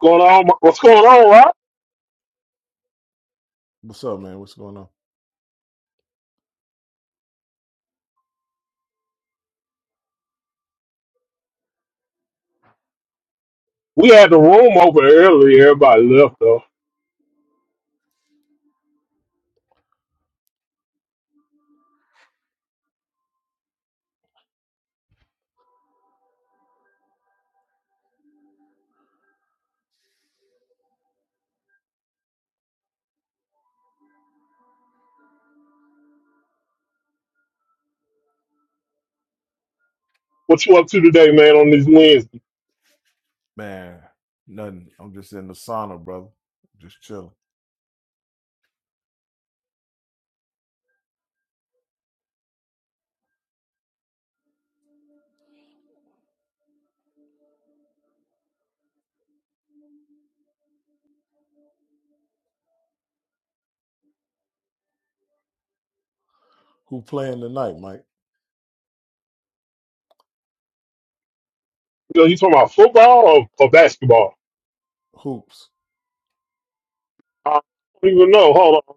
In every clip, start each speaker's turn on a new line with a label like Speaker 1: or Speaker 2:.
Speaker 1: going on? What's going on, right?
Speaker 2: What's up, man? What's going on?
Speaker 1: We had the room over earlier. Everybody left though. What you up to today, man? On this Wednesday,
Speaker 2: Man, nothing. I'm just in the sauna, brother. Just chilling. Who playing tonight, Mike?
Speaker 1: you know, you talking about football or, or basketball?
Speaker 2: Hoops.
Speaker 1: I don't even know. Hold on.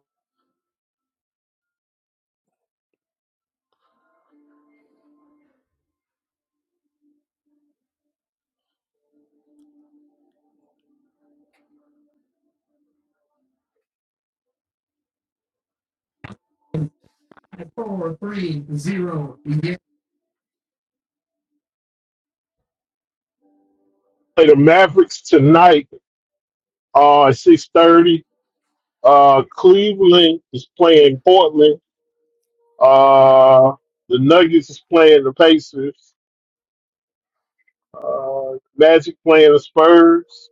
Speaker 1: Play the Mavericks tonight uh, at six thirty. Uh, Cleveland is playing Portland. Uh, the Nuggets is playing the Pacers. Uh, Magic playing the Spurs.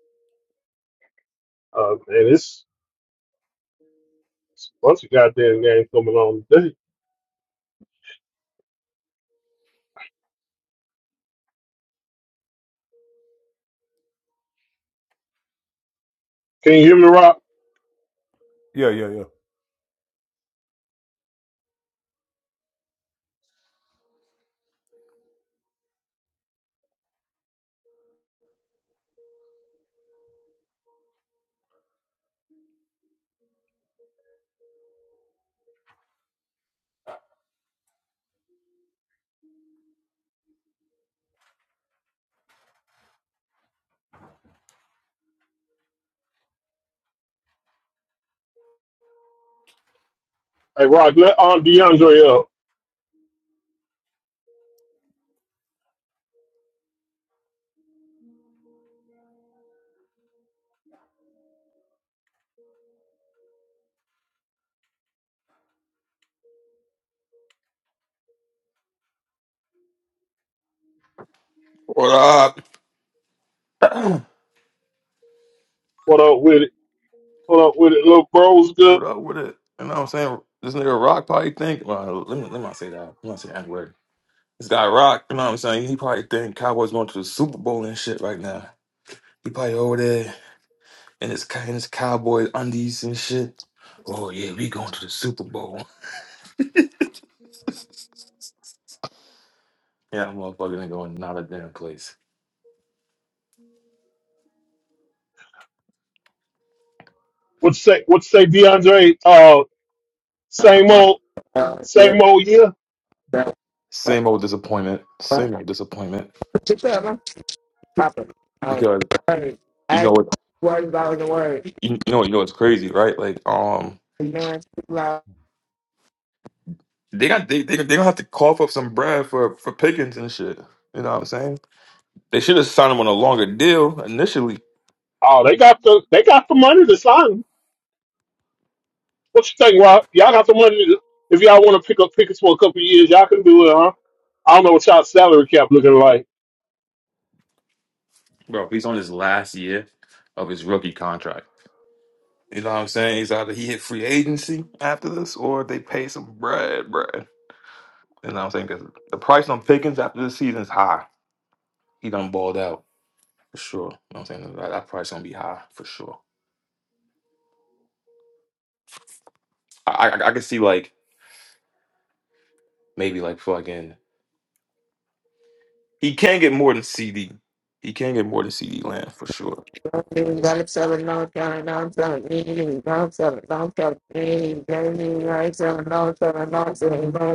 Speaker 1: Uh, and it's, it's a bunch of goddamn games coming on today. Can you hear me, Rob?
Speaker 2: Yeah, yeah, yeah.
Speaker 1: Hey, Rock, let Aunt DeAndre up.
Speaker 3: What up?
Speaker 1: What up with it? What up with it? Little bro's good.
Speaker 3: What up with it? You know what I'm saying? This nigga Rock probably think. Well, let me let me not say that. Let me not say that word. This guy Rock, you know what I'm saying? He probably think Cowboys going to the Super Bowl and shit right now. He probably over there in his in his Cowboy undies and shit. Oh yeah, we going to the Super Bowl. Yeah, that motherfucker ain't going not a damn place.
Speaker 1: What say? What say, DeAndre? Uh, same old, same old year.
Speaker 3: Same old disappointment. Same old disappointment. Because you know what? You, you know you know it's crazy, right? Like um. They got they they they gonna have to cough up some bread for for Pickens and shit. You know what I'm saying? They should have signed him on a longer deal initially.
Speaker 1: Oh, they got the they got the money to sign. him. What you think, Rock? Y'all got the money. To, if y'all want to pick up pickets for a couple of years, y'all can do it, huh? I don't know what y'all salary cap looking like.
Speaker 3: Bro, he's on his last year of his rookie contract. You know what I'm saying? He's either he hit free agency after this, or they pay some bread, bread. You know what I'm saying? Because the price on Pickens after this season is high. He done balled out for sure. You know what I'm saying? That, that price gonna be high for sure. I, I I could see like maybe like fucking he can get more than CD. He can get more than CD Lamb for sure.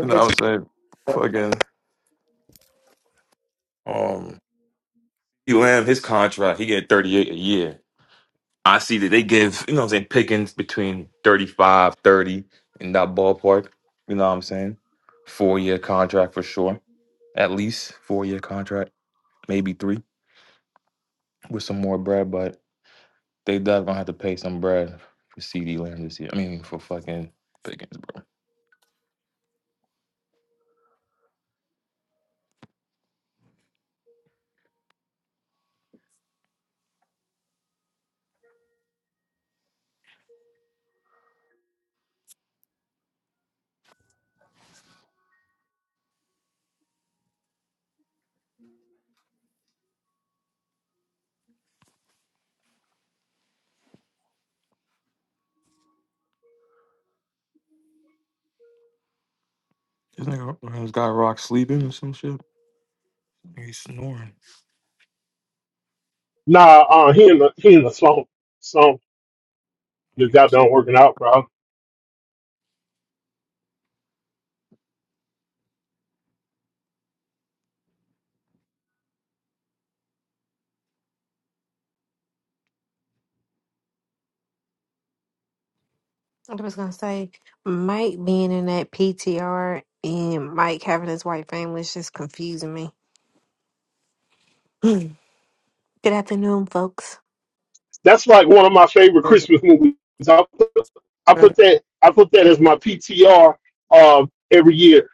Speaker 3: And I would say, fucking, um, UM, his contract, he get 38 a year. I see that they give, you know what I'm saying, pickings between 35, 30 in that ballpark. You know what I'm saying? Four year contract for sure. At least four year contract, maybe three with some more bread, but they definitely gonna have to pay some bread for CD Lamb this year. I mean, for fucking Pickens, bro. This nigga, uh, this guy Rock sleeping or some shit. He's snoring.
Speaker 1: Nah, uh, he in the he in the slump. Slump just got
Speaker 3: He's-
Speaker 1: done working out, bro.
Speaker 4: I was gonna say Mike being in that PTR and Mike having his white family is just confusing me. Good afternoon, folks.
Speaker 1: That's like one of my favorite Christmas movies. I put, I put that I put that as my PTR um, every year.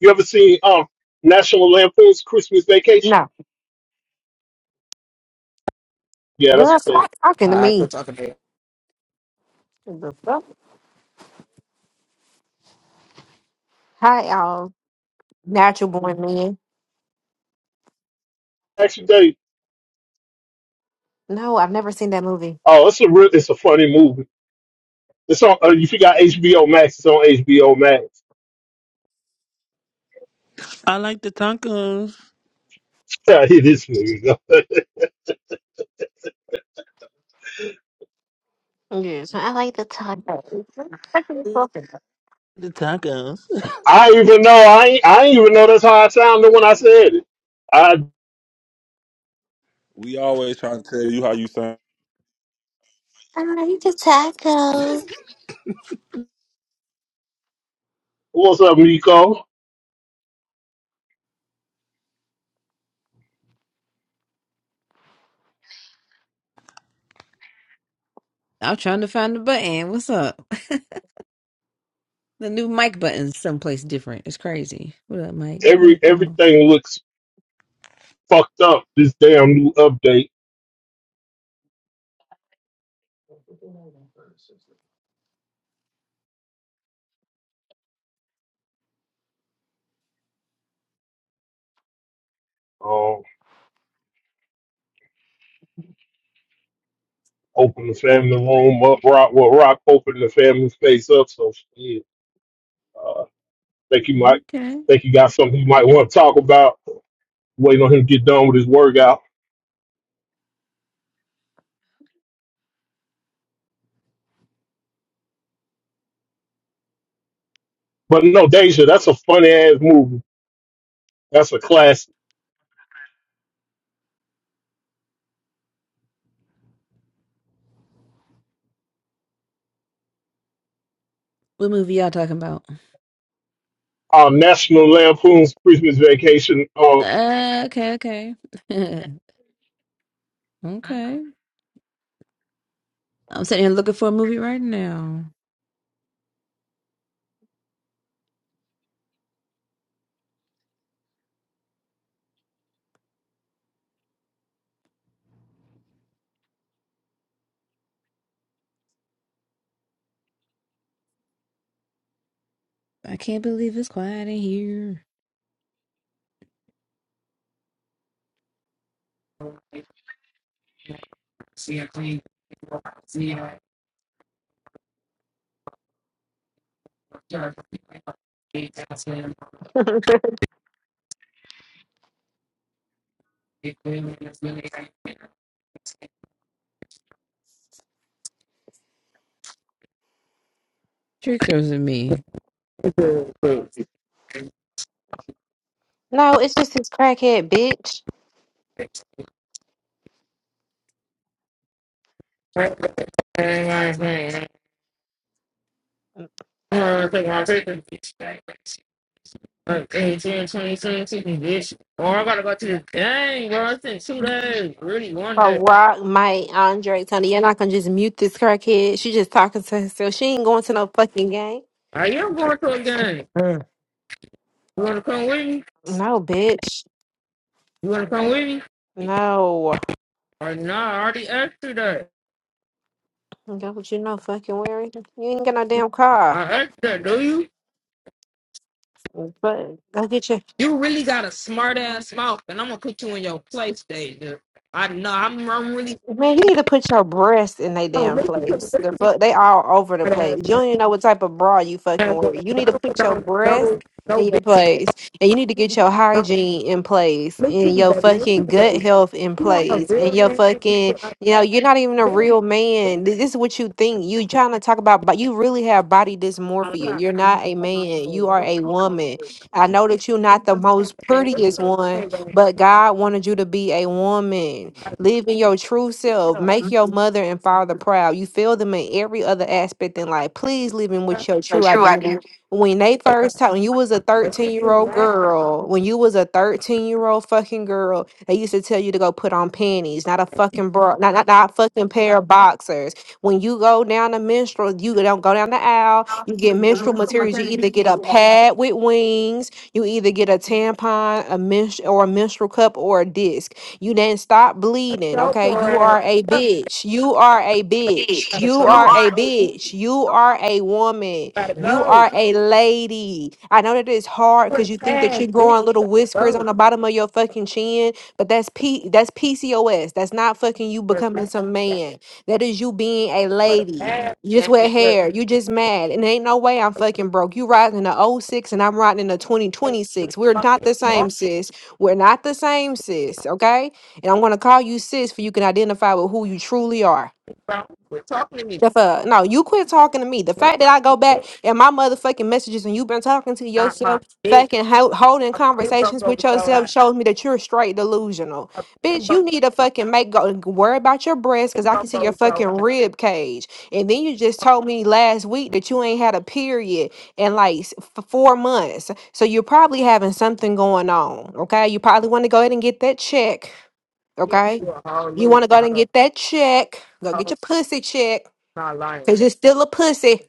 Speaker 1: You ever seen um, National Lampoon's Christmas Vacation?
Speaker 4: No,
Speaker 1: Yeah,
Speaker 4: girl,
Speaker 1: that's what
Speaker 4: stop talking to me. The fuck? Hi, y'all. Natural born man.
Speaker 1: that. Actually, Dave.
Speaker 4: No, I've never seen that movie.
Speaker 1: Oh, it's a real, it's a funny movie. It's on. Uh, if you got HBO Max, it's on HBO Max.
Speaker 5: I like the tacos.
Speaker 1: I hear this nigga.
Speaker 4: Yes, I like the tacos. What are you talking about?
Speaker 5: The tacos.
Speaker 1: I even know. I ain't, I ain't even know that's how I sounded when I said it. I
Speaker 5: We always trying to tell you how you sound.
Speaker 4: I like the
Speaker 1: what's up, Nico?
Speaker 6: I'm trying to find the button. What's up? The new mic button's someplace different. It's crazy. What up, Mike? What
Speaker 1: Every
Speaker 6: up, y'all?
Speaker 1: everything looks fucked up. This damn new update.
Speaker 4: tacos.
Speaker 1: Oh. open the family room up. Rock, well, Rock opened the family space up. So, yeah, uh, think you might
Speaker 6: Okay.
Speaker 1: think you got something you might want to talk about. Waiting on him to get done with his workout. But no, Deja, that's a funny ass movie. That's a classic.
Speaker 6: What movie y'all talking about?
Speaker 1: Uh, National Lampoon's Christmas Vacation. uh,
Speaker 6: Uh, okay, okay. okay. I'm sitting here looking for a movie right now. I can't believe it's quiet in here. Tricks or is it me?
Speaker 4: no, it's just this crackhead bitch.
Speaker 7: Or I gotta go to this game, bro. It's in two days. Really, one
Speaker 4: A
Speaker 7: day.
Speaker 4: rock, Mike, Andre, Tony. You're not gonna just mute this crackhead. She just talking to herself. She ain't going to no fucking game.
Speaker 7: I am going to a game.
Speaker 3: Yeah.
Speaker 7: You wanna come with me?
Speaker 4: No, bitch.
Speaker 7: You wanna come with me?
Speaker 4: No.
Speaker 7: Or nah, I already asked you that.
Speaker 4: Go what you know fucking wearing. You ain't got no damn
Speaker 7: I
Speaker 4: car.
Speaker 7: asked that, do you?
Speaker 4: But go get your
Speaker 7: You really got a smart ass mouth, and I'm gonna put you in your place, Deja. I know, I'm, I'm really.
Speaker 4: Man, you need to put your breasts in they
Speaker 7: Oh,
Speaker 4: damn
Speaker 7: listen to me,
Speaker 4: place.
Speaker 7: listen
Speaker 4: The
Speaker 7: to me,
Speaker 4: fuck, they all over the
Speaker 7: smart
Speaker 4: place.
Speaker 7: ass.
Speaker 4: You don't even know what type of bra you fucking
Speaker 7: ass
Speaker 4: wear.
Speaker 7: woman,
Speaker 4: You need
Speaker 7: 'cause I
Speaker 4: to
Speaker 7: don't put
Speaker 4: put your
Speaker 7: down
Speaker 4: breasts
Speaker 7: no, no
Speaker 4: in your
Speaker 7: big.
Speaker 4: place, and you need to get your hygiene in place,
Speaker 7: Listen
Speaker 4: and
Speaker 7: to
Speaker 4: your
Speaker 7: that. Listen
Speaker 4: fucking
Speaker 7: to that.
Speaker 4: gut health in
Speaker 7: You want a
Speaker 4: place, and
Speaker 7: real
Speaker 4: your
Speaker 7: man and
Speaker 4: fucking,
Speaker 7: shit like
Speaker 4: you know,
Speaker 7: that?
Speaker 4: you're not even a
Speaker 7: Real,
Speaker 4: real
Speaker 7: real
Speaker 4: man. Th- This is what you think. You trying to talk about, but you really have body dysmorphia.
Speaker 7: real,
Speaker 4: You're not a man. You are a woman. I know that you're not the most
Speaker 7: gangbang. What's
Speaker 4: prettiest
Speaker 7: no
Speaker 4: one,
Speaker 7: gangbang?
Speaker 4: but God wanted you to be a woman. Live in your true self. Make your mother and father proud. You feel them in every other aspect in life. Please live in with your
Speaker 3: the
Speaker 4: true
Speaker 3: true
Speaker 4: identity.
Speaker 3: identity.
Speaker 4: When they first taught, when you was a
Speaker 7: But this
Speaker 4: 13 year
Speaker 7: is
Speaker 4: old
Speaker 7: mad.
Speaker 4: girl, when you was a 13 year old fucking girl, they used to tell you to go put on panties, not a fucking bra, not, not, not a fucking pair of boxers. When you go down the menstrual, you don't go down the aisle, you get
Speaker 3: is the
Speaker 4: menstrual
Speaker 3: root of
Speaker 4: materials. You either get
Speaker 3: to
Speaker 4: a
Speaker 3: get up.
Speaker 4: pad with wings, you either get a tampon, a menstru- or a menstrual cup, or a disc you didn't stop bleeding,
Speaker 7: So
Speaker 4: okay?
Speaker 7: poor
Speaker 4: You
Speaker 7: ass.
Speaker 4: are a
Speaker 7: Fuck,
Speaker 4: bitch. You are a bitch.
Speaker 3: Bitch,
Speaker 7: gotta
Speaker 4: You
Speaker 3: You
Speaker 7: go.
Speaker 4: are
Speaker 7: but
Speaker 4: a
Speaker 3: are a bitch.
Speaker 4: bitch. You are a woman.
Speaker 7: Gotta
Speaker 4: You
Speaker 7: go.
Speaker 4: are a lady. I know that it's hard
Speaker 7: We're
Speaker 4: because you think that
Speaker 7: past,
Speaker 4: you're
Speaker 7: bitch.
Speaker 4: growing little whiskers on
Speaker 7: Go.
Speaker 4: the bottom of your fucking chin, but that's P that's PCOS. That's not fucking you
Speaker 7: We're
Speaker 4: becoming
Speaker 7: past.
Speaker 4: some
Speaker 7: gang.
Speaker 4: man. That is you being a
Speaker 7: We're
Speaker 4: lady.
Speaker 7: past.
Speaker 4: You just wear
Speaker 7: gang. We're past.
Speaker 4: hair. You just mad. And ain't no way I'm fucking broke. You riding in a oh 06 and I'm riding in a 2026. We're not
Speaker 7: Fucking
Speaker 4: the
Speaker 7: talking,
Speaker 4: same, sis. We're not the same, sis. Okay and I'm going to call you sis for you can identify with who you truly are.
Speaker 7: bro. We're talking to me.
Speaker 4: The fuck? No, you quit talking to me. The
Speaker 7: Your
Speaker 4: fact that I go back
Speaker 7: bitch,
Speaker 4: and my motherfucking messages and you've been talking to
Speaker 7: not my
Speaker 4: yourself,
Speaker 7: bitch.
Speaker 4: fucking ho- holding
Speaker 7: I've been broke
Speaker 4: conversations
Speaker 7: over
Speaker 4: with
Speaker 7: your
Speaker 4: yourself
Speaker 7: ass.
Speaker 4: shows me that you're straight delusional.
Speaker 7: I've been
Speaker 4: Bitch,
Speaker 7: broke
Speaker 4: you need
Speaker 7: over
Speaker 4: to
Speaker 7: your
Speaker 4: fucking make go worry about your breasts
Speaker 7: ass. I've
Speaker 4: because
Speaker 7: been
Speaker 4: I
Speaker 7: broke
Speaker 4: can see your
Speaker 7: over your
Speaker 4: fucking
Speaker 7: ass.
Speaker 4: rib cage. And then you just told me last week that you ain't had a period in like s- f- four months. So you're probably having something going on. Okay. You probably want to go ahead and get that check
Speaker 7: Yeah,
Speaker 4: Okay.
Speaker 7: you a whole
Speaker 4: You
Speaker 7: loose
Speaker 4: want to go and
Speaker 7: bottle.
Speaker 4: get that check. Go get
Speaker 7: Oh,
Speaker 4: your pussy check.
Speaker 7: not lying.
Speaker 4: Because you're still a pussy.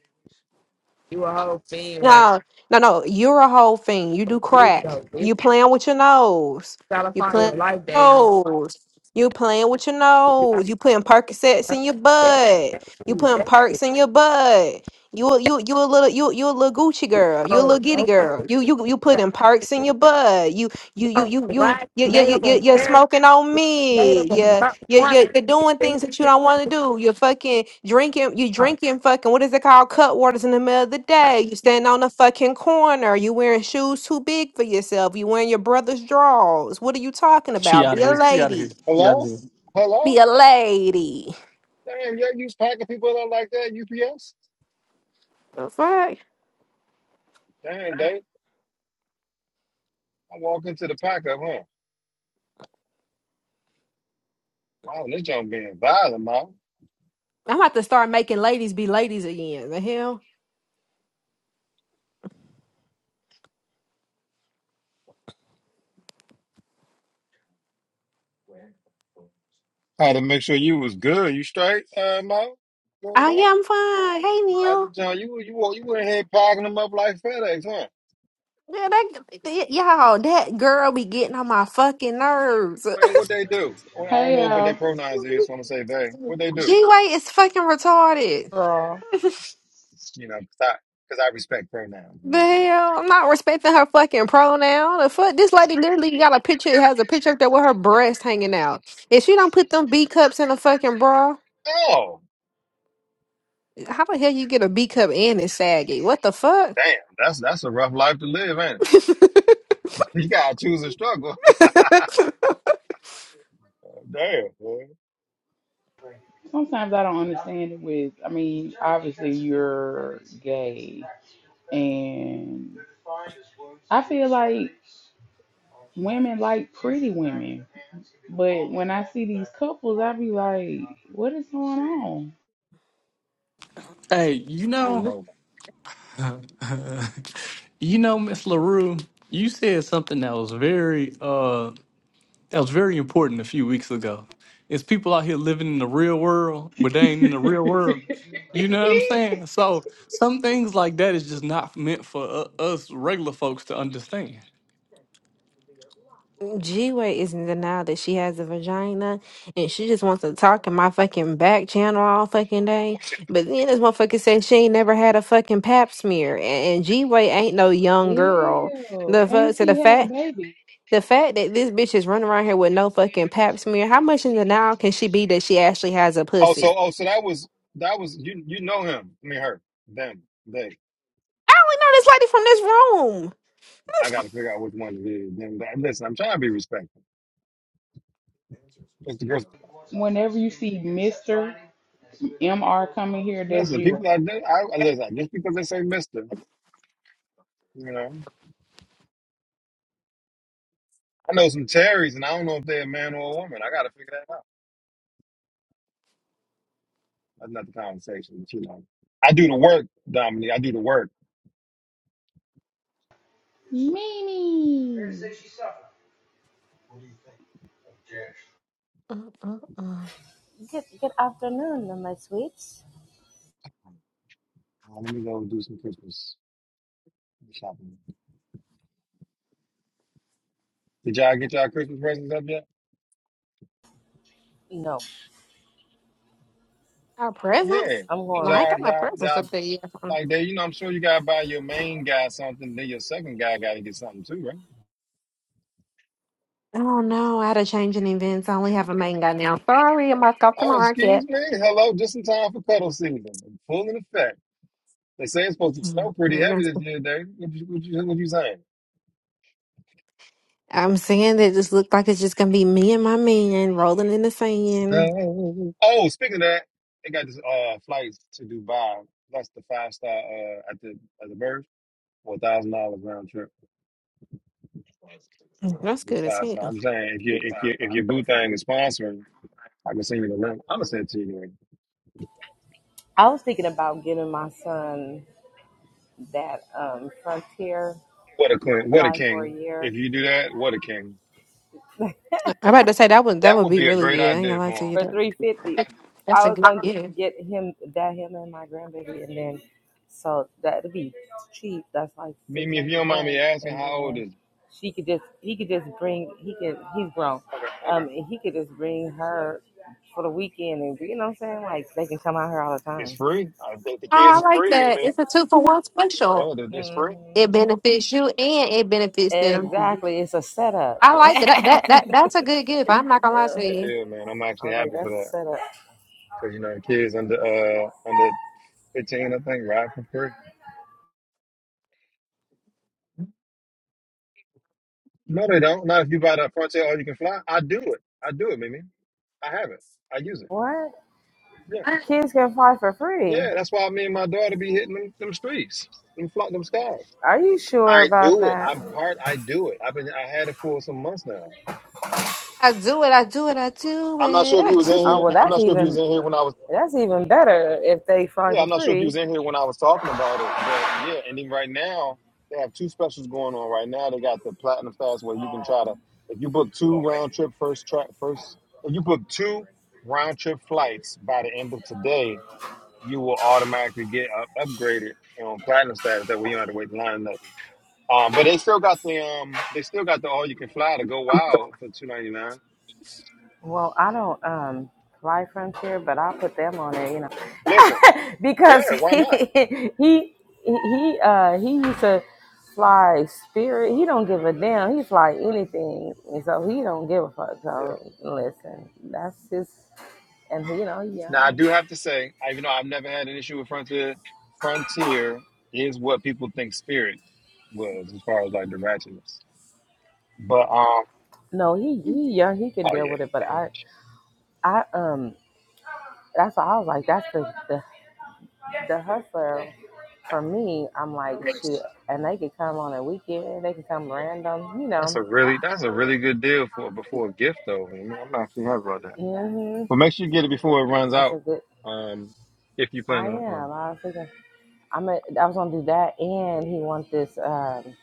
Speaker 7: You a whole fiend right
Speaker 4: No, no, no. You're a whole thing. You
Speaker 7: now.
Speaker 4: do
Speaker 7: This
Speaker 4: crack.
Speaker 7: yo, this
Speaker 4: You playing with your nose. You
Speaker 7: California
Speaker 4: playing
Speaker 7: your life,
Speaker 4: with your
Speaker 7: baby.
Speaker 4: nose. You playing with your
Speaker 7: You gotta
Speaker 4: nose. You putting Percocets
Speaker 7: learn
Speaker 4: in your
Speaker 7: That's
Speaker 4: butt. You
Speaker 7: you.
Speaker 4: putting
Speaker 7: That's
Speaker 4: perks in your butt. You a- you you a little you you a little Gucci girl. You a little
Speaker 7: old.
Speaker 4: giddy
Speaker 7: Nobody
Speaker 4: girl. You you you putting perks in your butt. You you you you you
Speaker 7: black
Speaker 4: you you you
Speaker 7: native
Speaker 4: you- you're
Speaker 7: American
Speaker 4: smoking on me.
Speaker 7: native
Speaker 4: Yeah,
Speaker 7: Amer-
Speaker 4: you're, you're, you're doing things
Speaker 7: woman.
Speaker 4: that you don't want to do. You're fucking drinking. You drinking fucking what is it called? Cut waters in the middle of the day. You standing on the fucking corner. You wearing shoes too big for yourself. You wearing your brother's drawers. What are you talking
Speaker 8: She
Speaker 4: about?
Speaker 8: out
Speaker 4: Be
Speaker 8: of
Speaker 4: a
Speaker 8: here. She out of here.
Speaker 4: lady.
Speaker 8: She out of
Speaker 9: Hello?
Speaker 8: here.
Speaker 4: Be
Speaker 9: Hello?
Speaker 4: a lady.
Speaker 9: Damn, y'all use packing people up like that, UPS?
Speaker 4: The fuck?
Speaker 9: Damn, Dave. I walk into the pack up, huh? Wow, this junk being violent, Mo.
Speaker 4: I'm about to start making ladies be ladies again. The hell?
Speaker 9: I had to make sure you was good. You straight, uh, Mo? Going
Speaker 4: Oh
Speaker 9: on?
Speaker 4: yeah, I'm fine. Hey
Speaker 9: Like the
Speaker 4: Neil.
Speaker 9: John, you you you went ahead packing them up like FedEx, huh?
Speaker 4: Yeah, that, that- y'all, that girl be getting on my fucking nerves.
Speaker 9: Man, what they do? Well, I don't
Speaker 10: Hey,
Speaker 9: know what their
Speaker 10: uh,
Speaker 9: pronouns is. so I'm going to say they? What they do?
Speaker 4: G-Way is fucking retarded.
Speaker 10: girl.
Speaker 9: You know, cause I 'cause I respect pronouns. You
Speaker 4: The
Speaker 9: know?
Speaker 4: hell, I'm not respecting her fucking pronoun. The fuck, this lady literally got a picture. It has a picture up there with her breast hanging out. If she don't put them B cups in a fucking bra,
Speaker 9: Oh,
Speaker 4: how the hell you get a B cup and it's saggy? What the fuck?
Speaker 9: damn, that's that's a rough life to live, ain't it? You gotta choose a struggle. Damn, boy.
Speaker 10: Sometimes I don't understand it with, I mean, obviously you're gay. And I feel like women like pretty women. But when I see these couples, I be like, what is going on?
Speaker 8: Hey, you
Speaker 9: I don't
Speaker 8: know,
Speaker 9: know.
Speaker 8: you know, Miss Larue, you said something that was very, uh, that was very important a few weeks ago. It's people out here living in the real world, but they ain't in the real world. You know what I'm saying? So some things like that is just not meant for uh, us regular folks to understand.
Speaker 4: G Way is in denial that she has a vagina, and she just wants to talk in my fucking back channel all fucking day. But then this motherfucker said she ain't never had a fucking pap smear, and G Way ain't no young girl.
Speaker 10: Ew.
Speaker 4: The
Speaker 10: And
Speaker 4: fuck? So the
Speaker 10: she had
Speaker 4: fact
Speaker 10: a baby.
Speaker 4: The fact that this bitch is running around here with no fucking pap smear, how much in denial can she be that she actually has a
Speaker 9: Oh,
Speaker 4: pussy?
Speaker 9: so oh, so that was that was you. You know him. I mean her. Them. They.
Speaker 4: I only know this
Speaker 9: I got to figure out which one it is. Them. That. Listen, I'm trying to be respectful. Just because,
Speaker 10: Whenever you see Mr. MR coming here, that's
Speaker 9: listen,
Speaker 10: you.
Speaker 9: people. I, I listen. Just because they say Mister, you know, I know some Terrys, and I don't know if they're a man or a woman. I got to figure that out. That's not the conversation. But you know, I do the work, Dominique. I do the work.
Speaker 10: Mimi.
Speaker 4: lady from this room? Mm-mm-mm.
Speaker 11: Good good afternoon, my sweets.
Speaker 9: Um, Uh, let me go do some Christmas shopping. Did y'all get y'all Christmas presents up yet?
Speaker 11: No,
Speaker 4: Our
Speaker 9: Yeah.
Speaker 4: presence?
Speaker 9: Did
Speaker 11: I'm
Speaker 4: No, I
Speaker 11: going.
Speaker 4: ain't
Speaker 9: y'all,
Speaker 4: got my
Speaker 9: y'all,
Speaker 4: presence
Speaker 9: y'all,
Speaker 4: up there yet.
Speaker 9: like they, you know, I'm sure you gotta buy your main guy something, then your second guy gotta get something too, right?
Speaker 4: Oh no, I had a change in events. I only have a main guy now. Sorry, I'm back off the
Speaker 9: Oh, excuse
Speaker 4: market.
Speaker 9: me. Hello, just in time for cuddle season. Full in effect. They say it's supposed to snow
Speaker 4: Mm.
Speaker 9: pretty
Speaker 4: There we go.
Speaker 9: heavy this year, Dave. What you, what you, what you saying?
Speaker 4: I'm saying that it just looked like it's just gonna be me and my man rolling in the sand.
Speaker 9: Snow. Oh, speaking of that, they got this uh flights to Dubai. That's the five star uh at the at the birth for a thousand dollars round trip.
Speaker 4: Mm, That's
Speaker 9: It's
Speaker 4: good as
Speaker 9: five star.
Speaker 4: hell.
Speaker 9: I'm saying if you if you if your boo thing is sponsoring, I can send you the link. I'm gonna send it to you. Anyway.
Speaker 11: I was thinking about giving my son that um, Frontier
Speaker 9: What a queen! What a
Speaker 11: fly for a
Speaker 9: king!
Speaker 11: year
Speaker 9: If you do that, what a king!
Speaker 4: I'm about to say that would that
Speaker 9: That
Speaker 4: would
Speaker 9: would
Speaker 4: be
Speaker 9: be a
Speaker 4: really
Speaker 9: great
Speaker 4: good. I ain't
Speaker 9: idea
Speaker 4: gonna lie to
Speaker 9: for
Speaker 4: you.
Speaker 9: him.
Speaker 11: for
Speaker 4: That,
Speaker 11: three fifty.
Speaker 4: that's
Speaker 11: I
Speaker 4: a
Speaker 11: was
Speaker 4: good
Speaker 11: gonna
Speaker 4: yeah.
Speaker 11: get, get him that him and my grandbaby, and then so that'd be cheap. That's like six
Speaker 9: Mimi, if you
Speaker 11: hundred
Speaker 9: don't mind me
Speaker 11: bucks,
Speaker 9: asking,
Speaker 11: and
Speaker 9: how old
Speaker 11: then
Speaker 9: is?
Speaker 11: she could just he could just bring he could he's grown,
Speaker 9: Okay, okay.
Speaker 11: um, and he could just bring her for the weekend, and you know what I'm saying? Like they can come out here all the
Speaker 9: It's
Speaker 11: time.
Speaker 9: free. I think the kids
Speaker 4: Oh, I
Speaker 9: is
Speaker 4: like
Speaker 9: free,
Speaker 4: that.
Speaker 9: Mimi.
Speaker 4: It's a two for one special.
Speaker 9: Yeah, it- it's free.
Speaker 11: hmm
Speaker 4: It benefits you and it benefits them.
Speaker 11: Exactly. It's a setup.
Speaker 4: I like that. That that, that that's a good gift. I'm not gonna lie
Speaker 9: That's
Speaker 4: to
Speaker 9: a good
Speaker 11: Mhm.
Speaker 4: you.
Speaker 9: deal, man. I'm
Speaker 11: I
Speaker 9: actually
Speaker 11: was like,
Speaker 9: happy for
Speaker 11: that's a
Speaker 9: that
Speaker 11: setup.
Speaker 9: because you know the kids under uh under 15, I think, ride for free. No, they don't. Not if you buy that Frontier or you can fly. I do it. I do it, Mimi. I have it. I use it.
Speaker 11: What?
Speaker 9: Yeah,
Speaker 11: Kids can fly for free.
Speaker 9: yeah. That's why me and my daughter be hitting them them streets, them fly, them skies.
Speaker 11: Are you sure
Speaker 9: I
Speaker 11: about
Speaker 9: do it.
Speaker 11: that?
Speaker 9: I'm part. I do it. I've been. I had it for some months now.
Speaker 4: I do it, I do it, I do
Speaker 9: I'm not sure if you was
Speaker 4: it.
Speaker 9: in
Speaker 11: Oh
Speaker 9: here.
Speaker 11: well
Speaker 9: I'm
Speaker 11: that's
Speaker 9: not sure if you was
Speaker 11: even
Speaker 9: in here when I was.
Speaker 11: that's even better if they fly
Speaker 9: Yeah,
Speaker 11: for
Speaker 9: I'm not sure if you
Speaker 11: free.
Speaker 9: was in here when I was talking about it, but yeah, and then right now they have two specials going on. Right now they got the platinum fast where you can try to if you book two round trip first track first if you book two round trip flights by the end of today, you will automatically get up, upgraded on platinum status. That way you don't have to wait in line. and nothing. Um, but they still got the um they still got the all you can fly to go wild for two ninety nine.
Speaker 11: Well, I don't um fly Frontier, but I'll put them on there, you know.
Speaker 9: Listen, yeah,
Speaker 11: because
Speaker 9: why not?
Speaker 11: he he he uh he used to fly spirit. He don't give a damn. He fly anything. And so he don't give a fuck.
Speaker 9: Yeah.
Speaker 11: So listen, that's his and he, you know, he
Speaker 9: Now I
Speaker 11: young.
Speaker 9: do have to say, I- even though I've never had an issue with Frontier, Frontier is what people think Spirit was as far as like the ratchetness. But um,
Speaker 11: No, he he young. He can
Speaker 9: oh
Speaker 11: deal
Speaker 9: yeah,
Speaker 11: with it. But
Speaker 9: man.
Speaker 11: I I um that's why I was like that's the the the hustler for me. I'm like shoot, and they could come on a weekend. They could come random. You
Speaker 9: that's
Speaker 11: know.
Speaker 9: a really that's a really good deal for before a gift though. I mean, I'm actually happy about that.
Speaker 11: hmm
Speaker 9: But make sure you get it before it runs
Speaker 11: That's a
Speaker 9: out.
Speaker 11: good.
Speaker 9: Um, if you plan
Speaker 11: I
Speaker 9: on. on-
Speaker 11: am. I was thinking. I'm. A, I was gonna do that, and he want this. Um,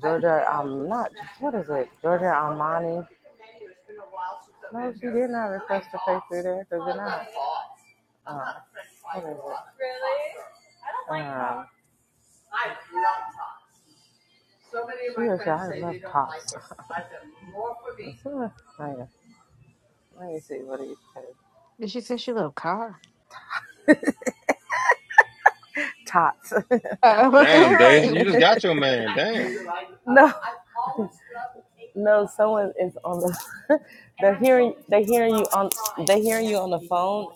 Speaker 11: Georgia, um, not what is it? Georgia Armani. No, she did not request to pay through there because you're not. Uh, what is it? Uh, she was I love tots. Let me see what it is.
Speaker 4: Did she say she love car?
Speaker 11: Tots.
Speaker 4: Uh, like,
Speaker 9: Damn, Deja, you just got your man. Damn.
Speaker 11: No, no, someone is on the. they're hearing. They're hearing you on. They're hearing you on the phone.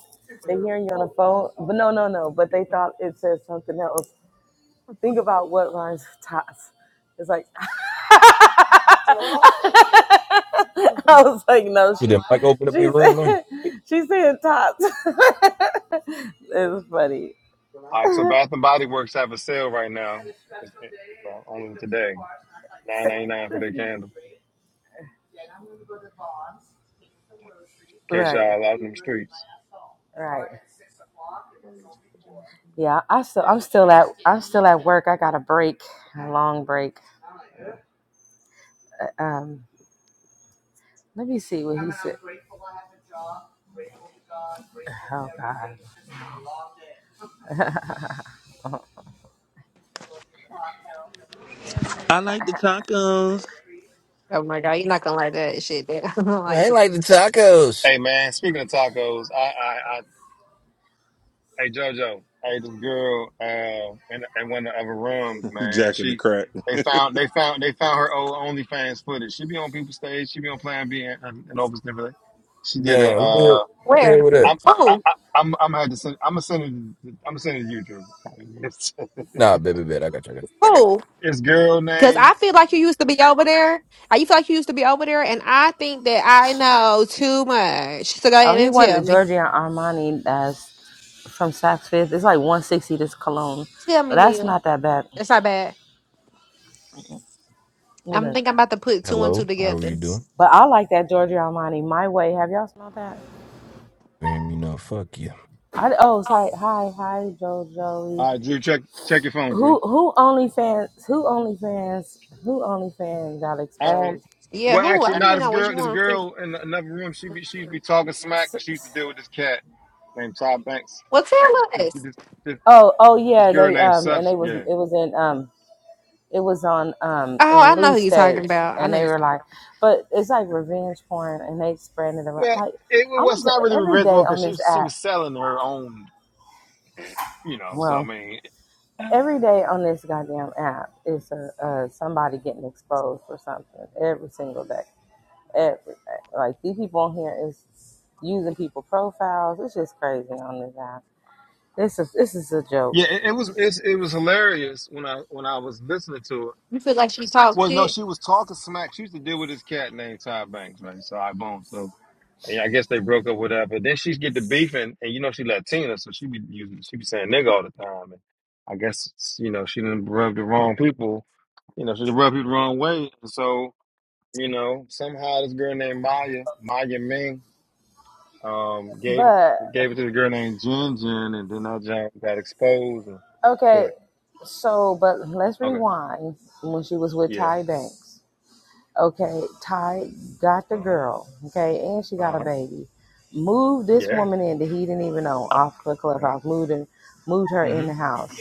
Speaker 11: They're hearing you on the phone. But no, no, no. But they thought it said something else. Think about what rhymes with tots. It's like I was like, no,
Speaker 12: Did
Speaker 11: she's
Speaker 12: that Mike open up
Speaker 11: she's
Speaker 12: your room, man?
Speaker 11: she's saying tots. it's funny.
Speaker 9: All right, so Bath and Body Works have a sale right now. It's, it, well, only today, nine ninety nine for their candle. In case
Speaker 11: Right.
Speaker 9: y'all out in the streets.
Speaker 11: Right. Yeah, I still I'm still at I'm still at work. I got a break, a long break. Um, let me see what he said. Oh God.
Speaker 5: I like the tacos.
Speaker 4: oh my god, you're not gonna like that shit. That
Speaker 12: I
Speaker 4: like
Speaker 12: ain't like the tacos.
Speaker 9: Hey man, speaking of tacos, I, I, I hey JoJo, hey this girl uh, in, in one of the other rooms, man.
Speaker 5: Jack in the
Speaker 9: She
Speaker 5: crack.
Speaker 9: they found they found they found her old OnlyFans footage. She be on people's stage. She be on Plan B and, and, and Opus and everything. She did a.
Speaker 12: Damn, who the hell,
Speaker 9: Uh,
Speaker 12: who the
Speaker 4: where?
Speaker 12: hell with that?
Speaker 9: I'm I,
Speaker 4: Oh,
Speaker 9: I, I'm I'm had to send. I'm gonna send it. I'm gonna send it to you, Drew. It's,
Speaker 12: Nah, baby, bet I got you. I got you.
Speaker 4: oh,
Speaker 9: it's girl
Speaker 4: because
Speaker 9: name.
Speaker 4: I feel like you used to be over there. I you feel like you used to be over there, and I think that I know too much. So go
Speaker 11: Oh,
Speaker 4: ahead
Speaker 11: he
Speaker 4: and tell
Speaker 11: wanted
Speaker 4: me.
Speaker 11: Giorgio Armani as from Saks Fifth. It's like 160 this cologne.
Speaker 4: Tell
Speaker 11: But
Speaker 4: me,
Speaker 11: that's
Speaker 4: Neil.
Speaker 11: not that bad.
Speaker 4: That's not bad.
Speaker 11: Hold
Speaker 4: I'm
Speaker 11: up.
Speaker 4: thinking I'm about to put two and two
Speaker 12: Hello, how are
Speaker 4: together.
Speaker 12: you doing?
Speaker 11: But I like that Giorgio Armani My Way. Have y'all smelled that?
Speaker 12: You hear me? No, fuck you.
Speaker 11: I oh sorry. Hi, hi, Joe Joey.
Speaker 9: All right, Drew, check check your phone, Drew.
Speaker 11: Who who OnlyFans who OnlyFans who OnlyFans got
Speaker 9: Um,
Speaker 11: exposed?
Speaker 4: Yeah,
Speaker 9: well,
Speaker 4: who?
Speaker 9: actually,
Speaker 4: I don't
Speaker 9: no.
Speaker 4: even
Speaker 9: this
Speaker 4: know what you
Speaker 9: girl, this
Speaker 4: want.
Speaker 9: girl in another room, she be she be talking smack
Speaker 11: S-
Speaker 9: 'cause she used to
Speaker 11: s-
Speaker 9: deal with this cat named Todd Banks.
Speaker 4: Well, tell
Speaker 9: This
Speaker 4: us.
Speaker 9: this this,
Speaker 11: Oh oh
Speaker 9: this
Speaker 11: yeah,
Speaker 9: girl
Speaker 11: they
Speaker 9: named
Speaker 11: um and they
Speaker 9: Substance.
Speaker 11: was it
Speaker 9: Yeah.
Speaker 11: was in um it was on um
Speaker 4: Oh,
Speaker 11: in
Speaker 4: I know
Speaker 11: Lou
Speaker 4: who you're talking
Speaker 11: stage
Speaker 4: about. I
Speaker 11: and
Speaker 4: know
Speaker 11: they
Speaker 4: you're
Speaker 11: were
Speaker 4: talking.
Speaker 11: like, but it's like revenge porn and they spreading it around
Speaker 9: Well,
Speaker 11: like
Speaker 9: it
Speaker 11: I'm gonna
Speaker 9: was
Speaker 11: t-
Speaker 9: not really a
Speaker 11: every
Speaker 9: revenge
Speaker 11: day
Speaker 9: one
Speaker 11: on
Speaker 9: because she
Speaker 11: this
Speaker 9: she was
Speaker 11: app.
Speaker 9: selling her own. You know, so I
Speaker 11: Well,
Speaker 9: mean,
Speaker 11: every day on this goddamn app is a, uh somebody getting exposed for something every single day. everything. Like these people on here is using people profiles. It's just crazy on this app. This is this is a joke.
Speaker 9: yeah, it, it was it's, it was hilarious when I when I was listening to it.
Speaker 4: You feel like she talks
Speaker 9: Was no,
Speaker 4: shit.
Speaker 9: she was talking smack. She used to deal with this cat named Todd Banks, right? So I boom. So And I guess they broke up with her, but then she get to beefing, and and you know she Latina, so she be using, she be saying nigga all the time. And I guess you know she didn't rub the wrong people, you know she done rubbed people the wrong way. And so you know somehow this girl named Maya, Maya Ming, um, gave
Speaker 11: But
Speaker 9: gave it to the girl named Jin Jin, and then that junk got exposed. And, good.
Speaker 11: okay, so but let's
Speaker 9: Okay.
Speaker 11: rewind when she was with
Speaker 9: Yeah.
Speaker 11: Ty Banks. Okay, Ty got the
Speaker 9: Uh huh.
Speaker 11: girl. Okay, and she got
Speaker 9: Uh
Speaker 11: a
Speaker 9: huh.
Speaker 11: baby. Moved this
Speaker 9: Yeah.
Speaker 11: woman in that he didn't even own off the
Speaker 9: Yeah.
Speaker 11: clubhouse. Moved her, moved her in the
Speaker 9: Mhm.
Speaker 11: house,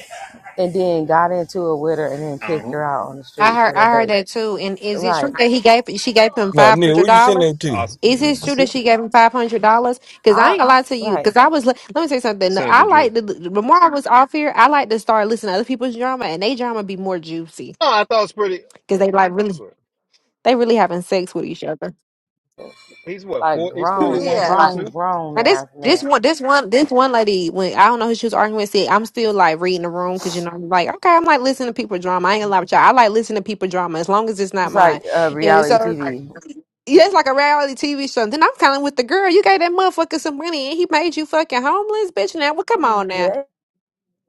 Speaker 11: and then got into it with her, and then
Speaker 9: Uh
Speaker 11: kicked
Speaker 9: huh.
Speaker 11: her out on the
Speaker 4: I
Speaker 11: streets
Speaker 4: heard
Speaker 11: with her
Speaker 4: I heard
Speaker 11: baby.
Speaker 4: that too. And is it
Speaker 11: Right.
Speaker 4: true that he gave she gave him
Speaker 12: Nah,
Speaker 4: five
Speaker 12: Neil,
Speaker 4: hundred
Speaker 12: where you
Speaker 4: dollars?
Speaker 12: sending that to?
Speaker 9: I, s-
Speaker 4: Is
Speaker 12: Yeah,
Speaker 4: it
Speaker 9: I
Speaker 12: my
Speaker 4: true
Speaker 9: s-
Speaker 4: that
Speaker 12: girlfriend.
Speaker 4: she gave him five hundred dollars? Because I
Speaker 11: I
Speaker 4: ain't gonna lie to you.
Speaker 11: right.
Speaker 4: Because I was li- let me say something.
Speaker 9: sent it
Speaker 4: I
Speaker 9: to Drew.
Speaker 4: like the the more I was off here, I like to start listening to other people's drama, and they drama be more juicy
Speaker 9: No, I thought it was pretty.
Speaker 4: because they
Speaker 9: oh,
Speaker 4: like really
Speaker 9: Good.
Speaker 4: they really having sex with each other.
Speaker 9: He's what?
Speaker 11: like
Speaker 9: Four? He's
Speaker 11: grown,
Speaker 9: 41,
Speaker 4: yeah. Right.
Speaker 11: grown,
Speaker 9: 42.
Speaker 11: grown
Speaker 4: Now this
Speaker 11: ass
Speaker 4: this
Speaker 11: man.
Speaker 4: one this one this one lady when I don't know who she was arguing with said I'm still like reading the room because you know I'm like okay I'm like listening to people drama I ain't gonna lie with y'all I like listening to people drama as long as it's not
Speaker 11: It's like
Speaker 4: mine
Speaker 11: uh,
Speaker 4: and so
Speaker 11: reality
Speaker 4: Yeah, it's like a reality TV show. Then I'm kind of with the girl. You gave that motherfucker some money and he made you fucking homeless, bitch. Now, well, come on now. Mm.
Speaker 11: TV.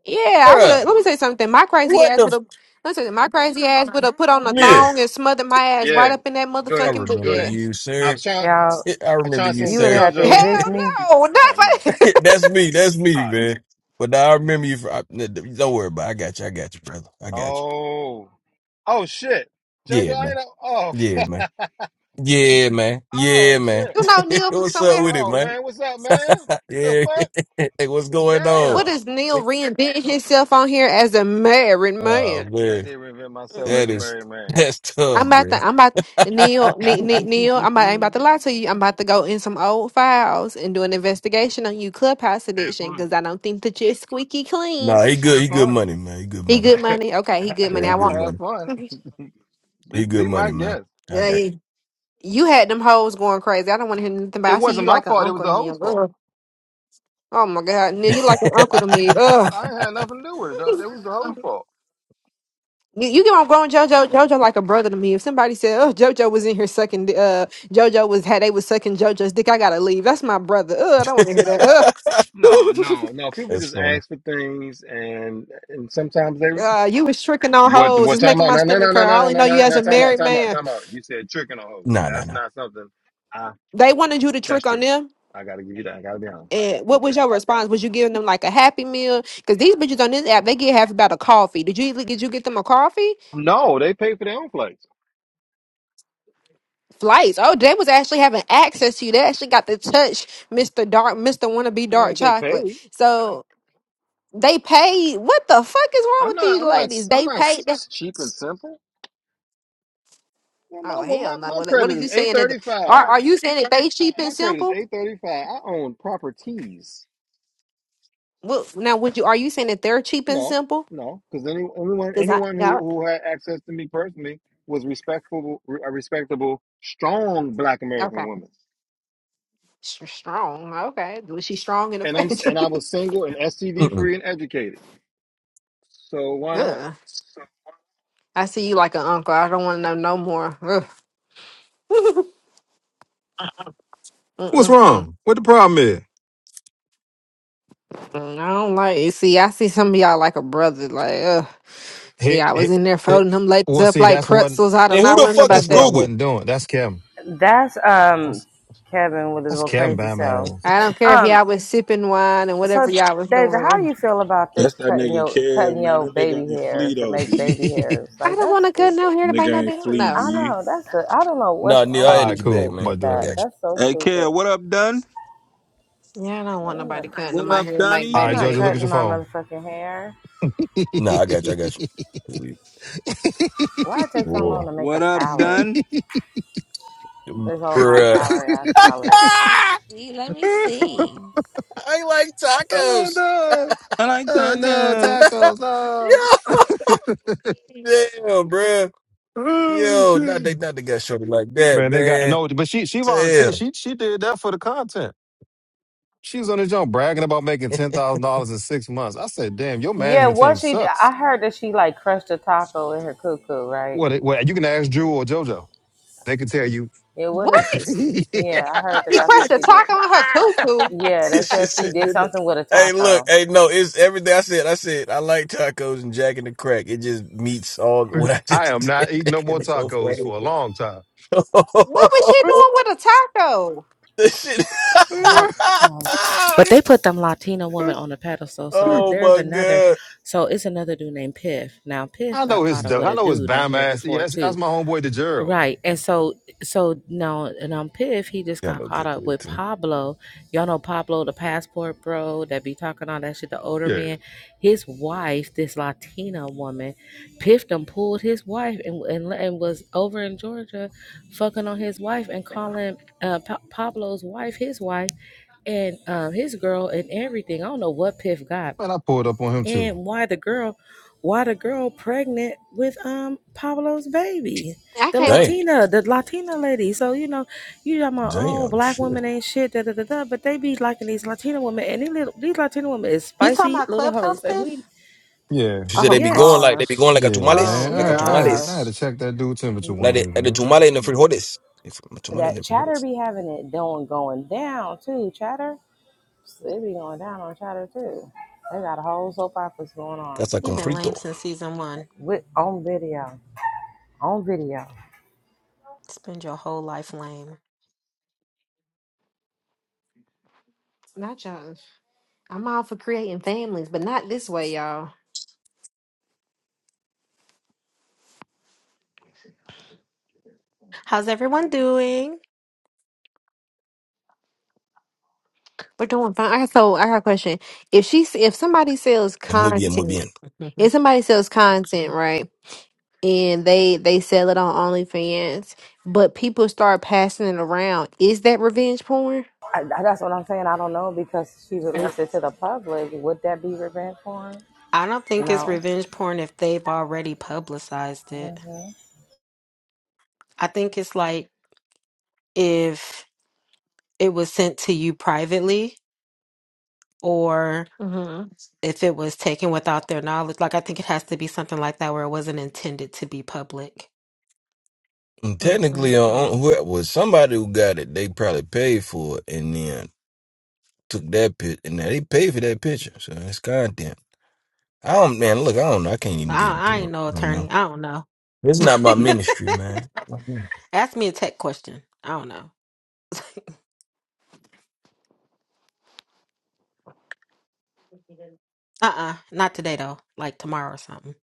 Speaker 4: Yeah, I would
Speaker 12: Bruh,
Speaker 4: have. Let me say something. My crazy
Speaker 12: what
Speaker 4: ass
Speaker 12: the
Speaker 4: would
Speaker 12: f-
Speaker 4: have. Let me say something. my crazy ass would have put on a
Speaker 9: Yeah,
Speaker 12: Neil?
Speaker 4: thong and smothered my ass right
Speaker 9: yeah.
Speaker 4: up in that
Speaker 12: I
Speaker 9: Good,
Speaker 4: motherfucking
Speaker 12: remember
Speaker 9: good.
Speaker 4: bed.
Speaker 12: you,
Speaker 9: I
Speaker 12: sir.
Speaker 9: was trying.
Speaker 11: Y'all,
Speaker 12: I
Speaker 9: I was
Speaker 12: remember
Speaker 9: trying to
Speaker 12: you,
Speaker 11: you
Speaker 9: send it
Speaker 11: would
Speaker 9: to
Speaker 12: sir.
Speaker 11: have to
Speaker 9: JoJo.
Speaker 11: evict
Speaker 4: Hell
Speaker 11: me.
Speaker 4: no,
Speaker 9: Oh,
Speaker 4: not
Speaker 9: let me just.
Speaker 4: like
Speaker 12: that's me. That's
Speaker 9: All
Speaker 12: me,
Speaker 9: right.
Speaker 12: man. But nah, I remember you. For, I, don't worry about. It. I got you. I got you, brother. I got you.
Speaker 9: Oh. Oh shit, JoJo.
Speaker 12: Yeah,
Speaker 9: I ain't.
Speaker 12: man.
Speaker 9: Know- Oh.
Speaker 12: Yeah, man. Yeah, man. Yeah,
Speaker 9: oh
Speaker 12: man.
Speaker 9: shit.
Speaker 4: you know Neil from
Speaker 12: What's up
Speaker 4: somewhere.
Speaker 12: with it,
Speaker 9: Oh
Speaker 12: man?
Speaker 9: man, what's up, man? The
Speaker 12: Yeah.
Speaker 9: fuck?
Speaker 12: Hey, what's going on?
Speaker 4: What
Speaker 9: Damn.
Speaker 4: is Neil reinventing himself on here as a married
Speaker 12: Oh
Speaker 4: man?
Speaker 9: Yeah, I
Speaker 12: man,
Speaker 9: did reinvent myself as
Speaker 12: that
Speaker 9: a
Speaker 12: is
Speaker 9: married man.
Speaker 12: that's
Speaker 4: I'm
Speaker 12: tough,
Speaker 4: about
Speaker 12: bro.
Speaker 4: to, I'm about Neil, Ne- Ne- Neil. I'm about, I ain't about to lie to you. I'm about to go in some old files and do an investigation on you, Clubhouse
Speaker 9: Have
Speaker 4: Edition,
Speaker 9: fun.
Speaker 4: because I don't think that you're squeaky clean.
Speaker 12: Nah, he good.
Speaker 9: Have
Speaker 12: He good
Speaker 9: fun.
Speaker 12: money, man. He good
Speaker 4: He
Speaker 12: money.
Speaker 4: good money, okay? He good
Speaker 12: Yeah,
Speaker 4: money.
Speaker 12: he
Speaker 4: I
Speaker 12: good
Speaker 4: want.
Speaker 9: Have
Speaker 12: money.
Speaker 9: fun. Be
Speaker 12: He good
Speaker 9: be my
Speaker 12: money, man.
Speaker 9: guest.
Speaker 12: I
Speaker 4: Yeah,
Speaker 12: got
Speaker 4: you had them hoes going crazy. I don't want to hear nothing about.
Speaker 9: It
Speaker 4: I see you
Speaker 9: wasn't my
Speaker 4: like an
Speaker 9: fault. It was
Speaker 4: uncle,
Speaker 9: the
Speaker 4: Neil.
Speaker 9: host fault.
Speaker 4: Ugh. Oh my God, Neil, you like an uncle to me.
Speaker 9: No,
Speaker 4: Ugh.
Speaker 9: I ain't had nothing to do with it. That that was the whole fault.
Speaker 4: You, you get on growing JoJo, JoJo like a brother to me. If somebody said, "Oh, JoJo was in here sucking," di- uh, JoJo was had they was sucking JoJo's dick, I gotta leave. That's my brother. Ugh, I don't want to hear that. Ugh.
Speaker 9: No, no, no. People
Speaker 12: that's
Speaker 9: just
Speaker 12: funny.
Speaker 9: ask for things, and and sometimes they receive.
Speaker 4: Uh, you was tricking on
Speaker 9: What
Speaker 4: hoes.
Speaker 9: what
Speaker 4: It's
Speaker 9: time
Speaker 4: making
Speaker 9: out?
Speaker 4: my
Speaker 9: No, no, no,
Speaker 4: stomach
Speaker 9: no,
Speaker 4: curl. I
Speaker 9: no, no,
Speaker 4: only
Speaker 9: no,
Speaker 4: know you
Speaker 9: no,
Speaker 4: as
Speaker 9: no.
Speaker 4: a
Speaker 9: Time out,
Speaker 4: married
Speaker 9: time out,
Speaker 4: man.
Speaker 9: time out. You said tricking a hoe.
Speaker 12: Nah, nah,
Speaker 9: That's
Speaker 12: nah.
Speaker 9: not something. I
Speaker 4: They wanted you to
Speaker 9: that's
Speaker 4: trick on
Speaker 9: true.
Speaker 4: them.
Speaker 9: I gotta give you that. I gotta be honest.
Speaker 4: And what was your response? Was you giving them like a happy meal? Because these bitches on this app, they get half about a coffee. Did you did you get them a coffee?
Speaker 9: No, they pay for their own flights.
Speaker 4: Flights. Oh, they was actually having access to you. They actually got to touch Mr. Dark, Mr. Wanna Be
Speaker 9: I mean,
Speaker 4: Dark
Speaker 9: they
Speaker 4: Chocolate.
Speaker 9: pay.
Speaker 4: So they paid. What the fuck is wrong
Speaker 9: I'm
Speaker 4: with
Speaker 9: not.
Speaker 4: these
Speaker 9: I'm not.
Speaker 4: ladies?
Speaker 9: I'm
Speaker 4: They
Speaker 9: not
Speaker 4: paid. Them.
Speaker 9: s- cheap and simple. Well, my
Speaker 4: Oh
Speaker 9: well, my
Speaker 4: hell no!
Speaker 9: my
Speaker 4: What, what are
Speaker 9: credit is
Speaker 4: you
Speaker 9: eight
Speaker 4: saying? That
Speaker 9: thirty
Speaker 4: are
Speaker 9: five.
Speaker 4: are you saying that they cheap
Speaker 9: My
Speaker 4: and
Speaker 9: credit is
Speaker 4: simple?
Speaker 9: eight thirty five. I own properties.
Speaker 4: Well, now, would you are you saying that they're cheap and
Speaker 9: No,
Speaker 4: simple?
Speaker 9: no, because any, anyone
Speaker 4: Because I,
Speaker 9: anyone who
Speaker 4: yeah,
Speaker 9: who had access to me personally was respectful, a respectable, strong Black American
Speaker 4: okay,
Speaker 9: woman,
Speaker 4: S- strong. Okay, was she strong in the
Speaker 9: and I'm s-
Speaker 4: face?
Speaker 9: and I was single and STD
Speaker 12: Mm-mm.
Speaker 9: free and educated. So why not?
Speaker 4: Ugh. I see you like an uncle. I don't want to know no more. Ugh.
Speaker 9: What's
Speaker 4: Mm-mm-mm.
Speaker 9: wrong? What the problem is?
Speaker 4: Mm, I don't like it. See, I see some of y'all like a brother. Like, ugh.
Speaker 9: Hey,
Speaker 4: yeah, I was
Speaker 9: hey,
Speaker 4: in there
Speaker 9: hey.
Speaker 4: folding them ladies
Speaker 9: Well,
Speaker 4: up
Speaker 9: see,
Speaker 4: like
Speaker 9: that's what
Speaker 4: pretzels. I don't.
Speaker 12: And who the
Speaker 4: want to know
Speaker 12: fuck is
Speaker 4: about
Speaker 9: that's what I
Speaker 4: that.
Speaker 12: Google?
Speaker 9: wasn't doing. That's Kim.
Speaker 11: That's um
Speaker 9: That's
Speaker 11: Kevin with his
Speaker 9: that's
Speaker 11: little
Speaker 9: Kim
Speaker 11: crazy
Speaker 9: by my
Speaker 11: self.
Speaker 9: ass.
Speaker 4: I don't care if
Speaker 11: Um,
Speaker 4: y'all was sipping wine and whatever
Speaker 11: so
Speaker 4: y'all was
Speaker 11: Deja, how do
Speaker 4: doing.
Speaker 11: you feel about this
Speaker 5: That's that
Speaker 11: cutting
Speaker 5: nigga
Speaker 11: your cutting
Speaker 5: Kev, man.
Speaker 11: your
Speaker 5: That
Speaker 11: baby
Speaker 5: nigga ain't flea
Speaker 11: hairs to
Speaker 5: though,
Speaker 11: make
Speaker 5: B.
Speaker 11: baby hairs?
Speaker 4: I
Speaker 11: Like
Speaker 4: don't
Speaker 11: that's
Speaker 4: want to cut
Speaker 11: stupid.
Speaker 4: no hair to make no
Speaker 5: Nigga ain't
Speaker 4: damn.
Speaker 5: flea,
Speaker 4: No,
Speaker 11: I
Speaker 5: B.
Speaker 11: know that's a, I don't know what's
Speaker 12: Nah, Neil,
Speaker 11: wrong
Speaker 12: I
Speaker 11: with
Speaker 9: All
Speaker 12: added
Speaker 9: right,
Speaker 11: these
Speaker 12: you back,
Speaker 9: cool.
Speaker 11: chicks
Speaker 9: I'm
Speaker 12: man.
Speaker 11: with
Speaker 9: about to
Speaker 12: I
Speaker 9: do it.
Speaker 11: that.
Speaker 12: got
Speaker 9: All
Speaker 11: That's so
Speaker 5: Hey,
Speaker 11: stupid.
Speaker 5: Kev, what up, Dunn?
Speaker 4: yeah, I don't want
Speaker 11: I'm not
Speaker 4: nobody cutting
Speaker 5: What
Speaker 4: my
Speaker 5: up,
Speaker 4: hair to make
Speaker 5: Dunny?
Speaker 11: I'm
Speaker 9: right,
Speaker 4: baby
Speaker 11: not
Speaker 9: Georgia, look at
Speaker 4: hair.
Speaker 11: cutting
Speaker 9: your
Speaker 11: my
Speaker 9: phone.
Speaker 11: motherfucking hair.
Speaker 12: you. Nah, I got you. I got you.
Speaker 11: Why it take so long to
Speaker 12: Whoa,
Speaker 11: make
Speaker 5: What
Speaker 11: a
Speaker 5: up,
Speaker 11: salad?
Speaker 5: Dunn?
Speaker 11: This whole high
Speaker 12: bruh.
Speaker 11: calorie ass salad.
Speaker 6: I want to
Speaker 12: Ah,
Speaker 6: see. Let me see.
Speaker 12: I like
Speaker 9: Oh
Speaker 12: tacos.
Speaker 9: no.
Speaker 5: I like
Speaker 9: Oh no,
Speaker 5: tacos.
Speaker 9: tacos! No.
Speaker 12: Yo, damn, bruh.
Speaker 9: Oh
Speaker 12: Yo, not
Speaker 9: shit!
Speaker 12: they, not they got shorty like that,
Speaker 9: Man, they got
Speaker 12: man.
Speaker 9: no, but she she volunteered.
Speaker 12: Damn.
Speaker 9: She she did that for the content. She was on the jump bragging about making ten thousand dollars in six months. I said, "Damn, your
Speaker 11: Yeah,
Speaker 9: management
Speaker 11: what
Speaker 9: team
Speaker 11: she?
Speaker 9: sucks."
Speaker 11: I heard that she like crushed a taco in her cuckoo, right?
Speaker 9: What? it- What? You can ask Drew or JoJo. They can tell you.
Speaker 11: Yeah, what is
Speaker 4: What?
Speaker 11: she? Yeah, I heard that
Speaker 4: She
Speaker 11: that's what
Speaker 4: crushed a
Speaker 11: she did.
Speaker 4: taco on her cuckoo.
Speaker 11: Yeah,
Speaker 12: Shit
Speaker 11: they said she
Speaker 12: sitting
Speaker 11: did
Speaker 12: in the-
Speaker 11: something with a
Speaker 12: Hey, look,
Speaker 11: taco,
Speaker 12: hey, no, it's everything I said. I said I like tacos and Jack and the Crack. It just meets all what I
Speaker 9: I am
Speaker 12: just said.
Speaker 9: not eating no more
Speaker 12: It's so
Speaker 9: tacos
Speaker 12: funny.
Speaker 9: for a long time.
Speaker 4: What was she doing with a taco?
Speaker 12: this shit.
Speaker 11: but um, But they put them Latino women on a pedestal. So
Speaker 12: oh
Speaker 11: there's
Speaker 12: my
Speaker 11: another.
Speaker 12: god.
Speaker 11: So it's another dude named Piff. Now
Speaker 9: I
Speaker 11: Piff got
Speaker 9: know
Speaker 11: caught
Speaker 9: his.
Speaker 11: up with
Speaker 9: I
Speaker 11: a
Speaker 9: know his
Speaker 11: dude on
Speaker 9: bum
Speaker 11: here
Speaker 9: ass.
Speaker 11: before
Speaker 9: Yes, that's
Speaker 11: too.
Speaker 9: my homeboy, DeGero.
Speaker 11: Right. And so so now and um Piff, he just
Speaker 12: Yeah,
Speaker 11: got
Speaker 12: no
Speaker 11: caught up
Speaker 12: pepper
Speaker 11: with
Speaker 12: too.
Speaker 11: Pablo. Y'all know Pablo the passport bro that be talking all that shit, the older
Speaker 9: Yeah,
Speaker 11: man. His wife, this Latina woman, Piff done pulled his wife and and, and was over in Georgia fucking on his wife and calling uh, Pa- Pablo's wife, his wife, and um, his girl, and everything. I don't know what Piff got,
Speaker 9: man, I pulled up on him too.
Speaker 11: and why the girl why the girl pregnant with um Pablo's baby.
Speaker 4: I
Speaker 11: The
Speaker 4: can't.
Speaker 12: Damn,
Speaker 11: Latina, the Latina lady. So, you know, you talking about, oh,
Speaker 12: damn,
Speaker 11: black
Speaker 12: shit.
Speaker 11: women ain't shit, da da da da. But they be liking these Latina women and these little these Latina women is
Speaker 13: You talking
Speaker 11: spicy
Speaker 13: about
Speaker 11: little
Speaker 13: Clubhouse
Speaker 11: hoes. And we
Speaker 13: Piff?
Speaker 9: Yeah.
Speaker 12: She said they
Speaker 13: Oh
Speaker 12: be going
Speaker 11: yes,
Speaker 12: like they be going
Speaker 13: gosh.
Speaker 12: like a
Speaker 9: Yeah,
Speaker 12: tamales,
Speaker 9: man.
Speaker 13: Oh
Speaker 12: like
Speaker 9: I,
Speaker 12: a
Speaker 9: I had
Speaker 11: yes.
Speaker 9: to I
Speaker 12: tamales,
Speaker 9: had to
Speaker 13: gosh.
Speaker 9: check that dude temperature one
Speaker 12: like the,
Speaker 9: day,
Speaker 12: like the
Speaker 9: man.
Speaker 12: tamale and the frijoles. If- Tamale and
Speaker 11: That
Speaker 12: the
Speaker 11: chatter
Speaker 12: frijoles.
Speaker 11: be having it doing going down too, chatter. It be going down on chatter too. They got a whole soap operas going on.
Speaker 12: Casa
Speaker 13: You've
Speaker 12: con
Speaker 13: been
Speaker 12: frito.
Speaker 13: lame since season one.
Speaker 11: With on video. On video.
Speaker 13: Spend your whole life lame.
Speaker 4: Not y'all. I'm all for creating families, but not this way, y'all.
Speaker 13: How's everyone doing?
Speaker 4: We're doing fine. I got- so I got a question. If she, if somebody sells
Speaker 12: Es muy bien, muy
Speaker 4: content,
Speaker 12: bien.
Speaker 4: if
Speaker 13: I
Speaker 4: somebody sells content, right, and they they sell it on OnlyFans, but people start passing it around, is that revenge porn?
Speaker 11: I, that's what I'm saying. I don't know because she released it to the public. Would that be revenge porn?
Speaker 13: don't think it's
Speaker 11: No.
Speaker 13: revenge porn if they've already publicized it. I think it's like if it was sent to you privately or.
Speaker 4: Mm-hmm.
Speaker 13: if it was taken without their knowledge. Like I think it has to be something like that where it wasn't intended to be public.
Speaker 12: And Technically, on uh,
Speaker 4: Mm-mm-mm.
Speaker 12: whoever was somebody who got it, they probably paid for it and then took that pic, and now they paid for that picture, so it's content. I don't, man. Look, I don't know. I can't even get
Speaker 13: I, I
Speaker 12: into it.
Speaker 13: ain't no
Speaker 12: You know,
Speaker 13: attorney. I don't know.
Speaker 12: it's not my ministry, man. I
Speaker 13: Ask me a tech question. I don't know. Uh uh Not today though. Like tomorrow or something.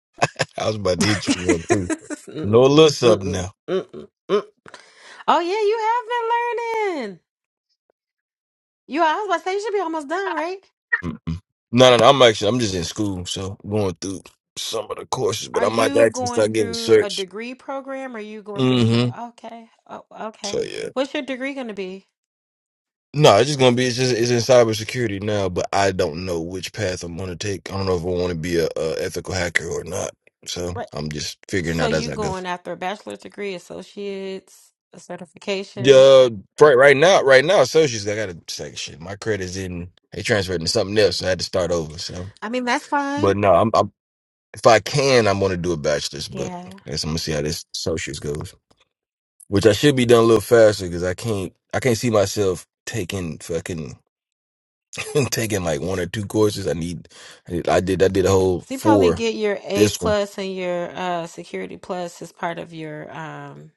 Speaker 12: was about to hit you one too. No,
Speaker 13: Mm-mm.
Speaker 12: little something
Speaker 13: Mm-mm.
Speaker 12: now.
Speaker 13: Mm-mm. mm Oh yeah, you have been learning. You are, I was about to say you should be almost done, right?
Speaker 12: Mm-mm. No, no, no. I'm actually, I'm just in school, so going through some of the courses, but
Speaker 13: Are
Speaker 12: I might
Speaker 13: you
Speaker 12: actually
Speaker 13: going
Speaker 12: start getting
Speaker 13: through a
Speaker 12: searched.
Speaker 13: degree program? Are you going through a cer-
Speaker 12: Mm-hmm.
Speaker 13: okay. Oh,
Speaker 12: So
Speaker 13: okay.
Speaker 12: yeah.
Speaker 13: What's your degree going to be?
Speaker 12: No, it's just gonna be it's just it's in cybersecurity now, but I don't know which path I'm gonna take. I don't know if I want to be a, a ethical hacker or not. So
Speaker 13: Right.
Speaker 12: I'm just figuring
Speaker 13: So
Speaker 12: out as
Speaker 13: you
Speaker 12: I go.
Speaker 13: going after a bachelor's degree, associates, a certification?
Speaker 12: Uh, right, right now, right now, associates, I gotta say shit. My credit's in. They transferred into something else, so I had to start over. So,
Speaker 13: I mean, that's fine.
Speaker 12: but no, I'm, I'm if I can, I'm gonna do a bachelor's, but
Speaker 13: Yeah.
Speaker 12: I guess I'm gonna see how this associates goes, which I should be done a little faster because I can't I can't see myself taking fucking. I'm taking like one or two courses. I need. I did. I did. I did a whole
Speaker 13: So you probably
Speaker 12: four.
Speaker 13: get your A
Speaker 12: This one.
Speaker 13: plus and your uh security plus as part of your um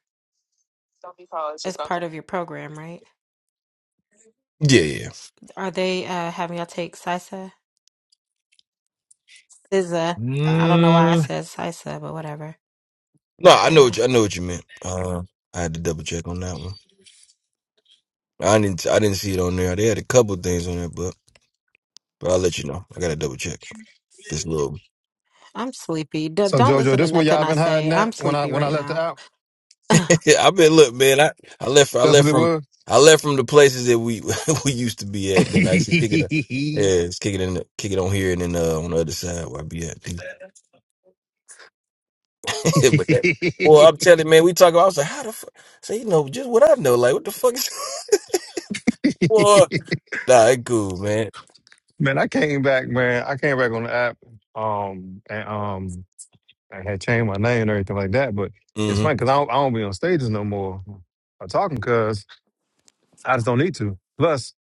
Speaker 13: as part of your program, right?
Speaker 12: Yeah, yeah.
Speaker 13: Are they uh having y'all take SISA? SISA. I don't know why I
Speaker 12: Mm,
Speaker 13: said SISA, but whatever.
Speaker 12: no, I know.
Speaker 13: Yeah.
Speaker 12: What you, I know what you meant. Uh, I had to double check on that one. I didn't. I didn't see it on there. They had a couple things on there, but but I'll let you know. I gotta double check this little.
Speaker 13: I'm sleepy. D-
Speaker 9: So
Speaker 13: don't
Speaker 9: Jojo,
Speaker 13: listen to
Speaker 9: this where
Speaker 13: nothing
Speaker 9: y'all
Speaker 13: I
Speaker 9: been
Speaker 13: say.
Speaker 9: hiding at
Speaker 13: I'm
Speaker 9: when I
Speaker 13: sleepy
Speaker 9: when I
Speaker 13: right
Speaker 9: left the
Speaker 13: now.
Speaker 9: app?
Speaker 12: I've been look, man. I I left. I
Speaker 9: That's what
Speaker 12: left
Speaker 9: it
Speaker 12: from.
Speaker 9: was.
Speaker 12: I left from the places that we we used to be at, and then I used to kick it. up. Yeah, it's kicking in, kick it on here, and then uh, on the other side where I be at. but that, well, I'm telling you, man, we talk about. I was like, how the fuck? So you know, just what I know. Like, what the fuck is? Well, nah, it cool, man.
Speaker 9: man, I came back, man. I came back on the app, um, and um, I had changed my name and everything like that. But it's
Speaker 12: hmm
Speaker 9: funny because I don't, I don't be on stages no more or talking because I just don't need to. Plus,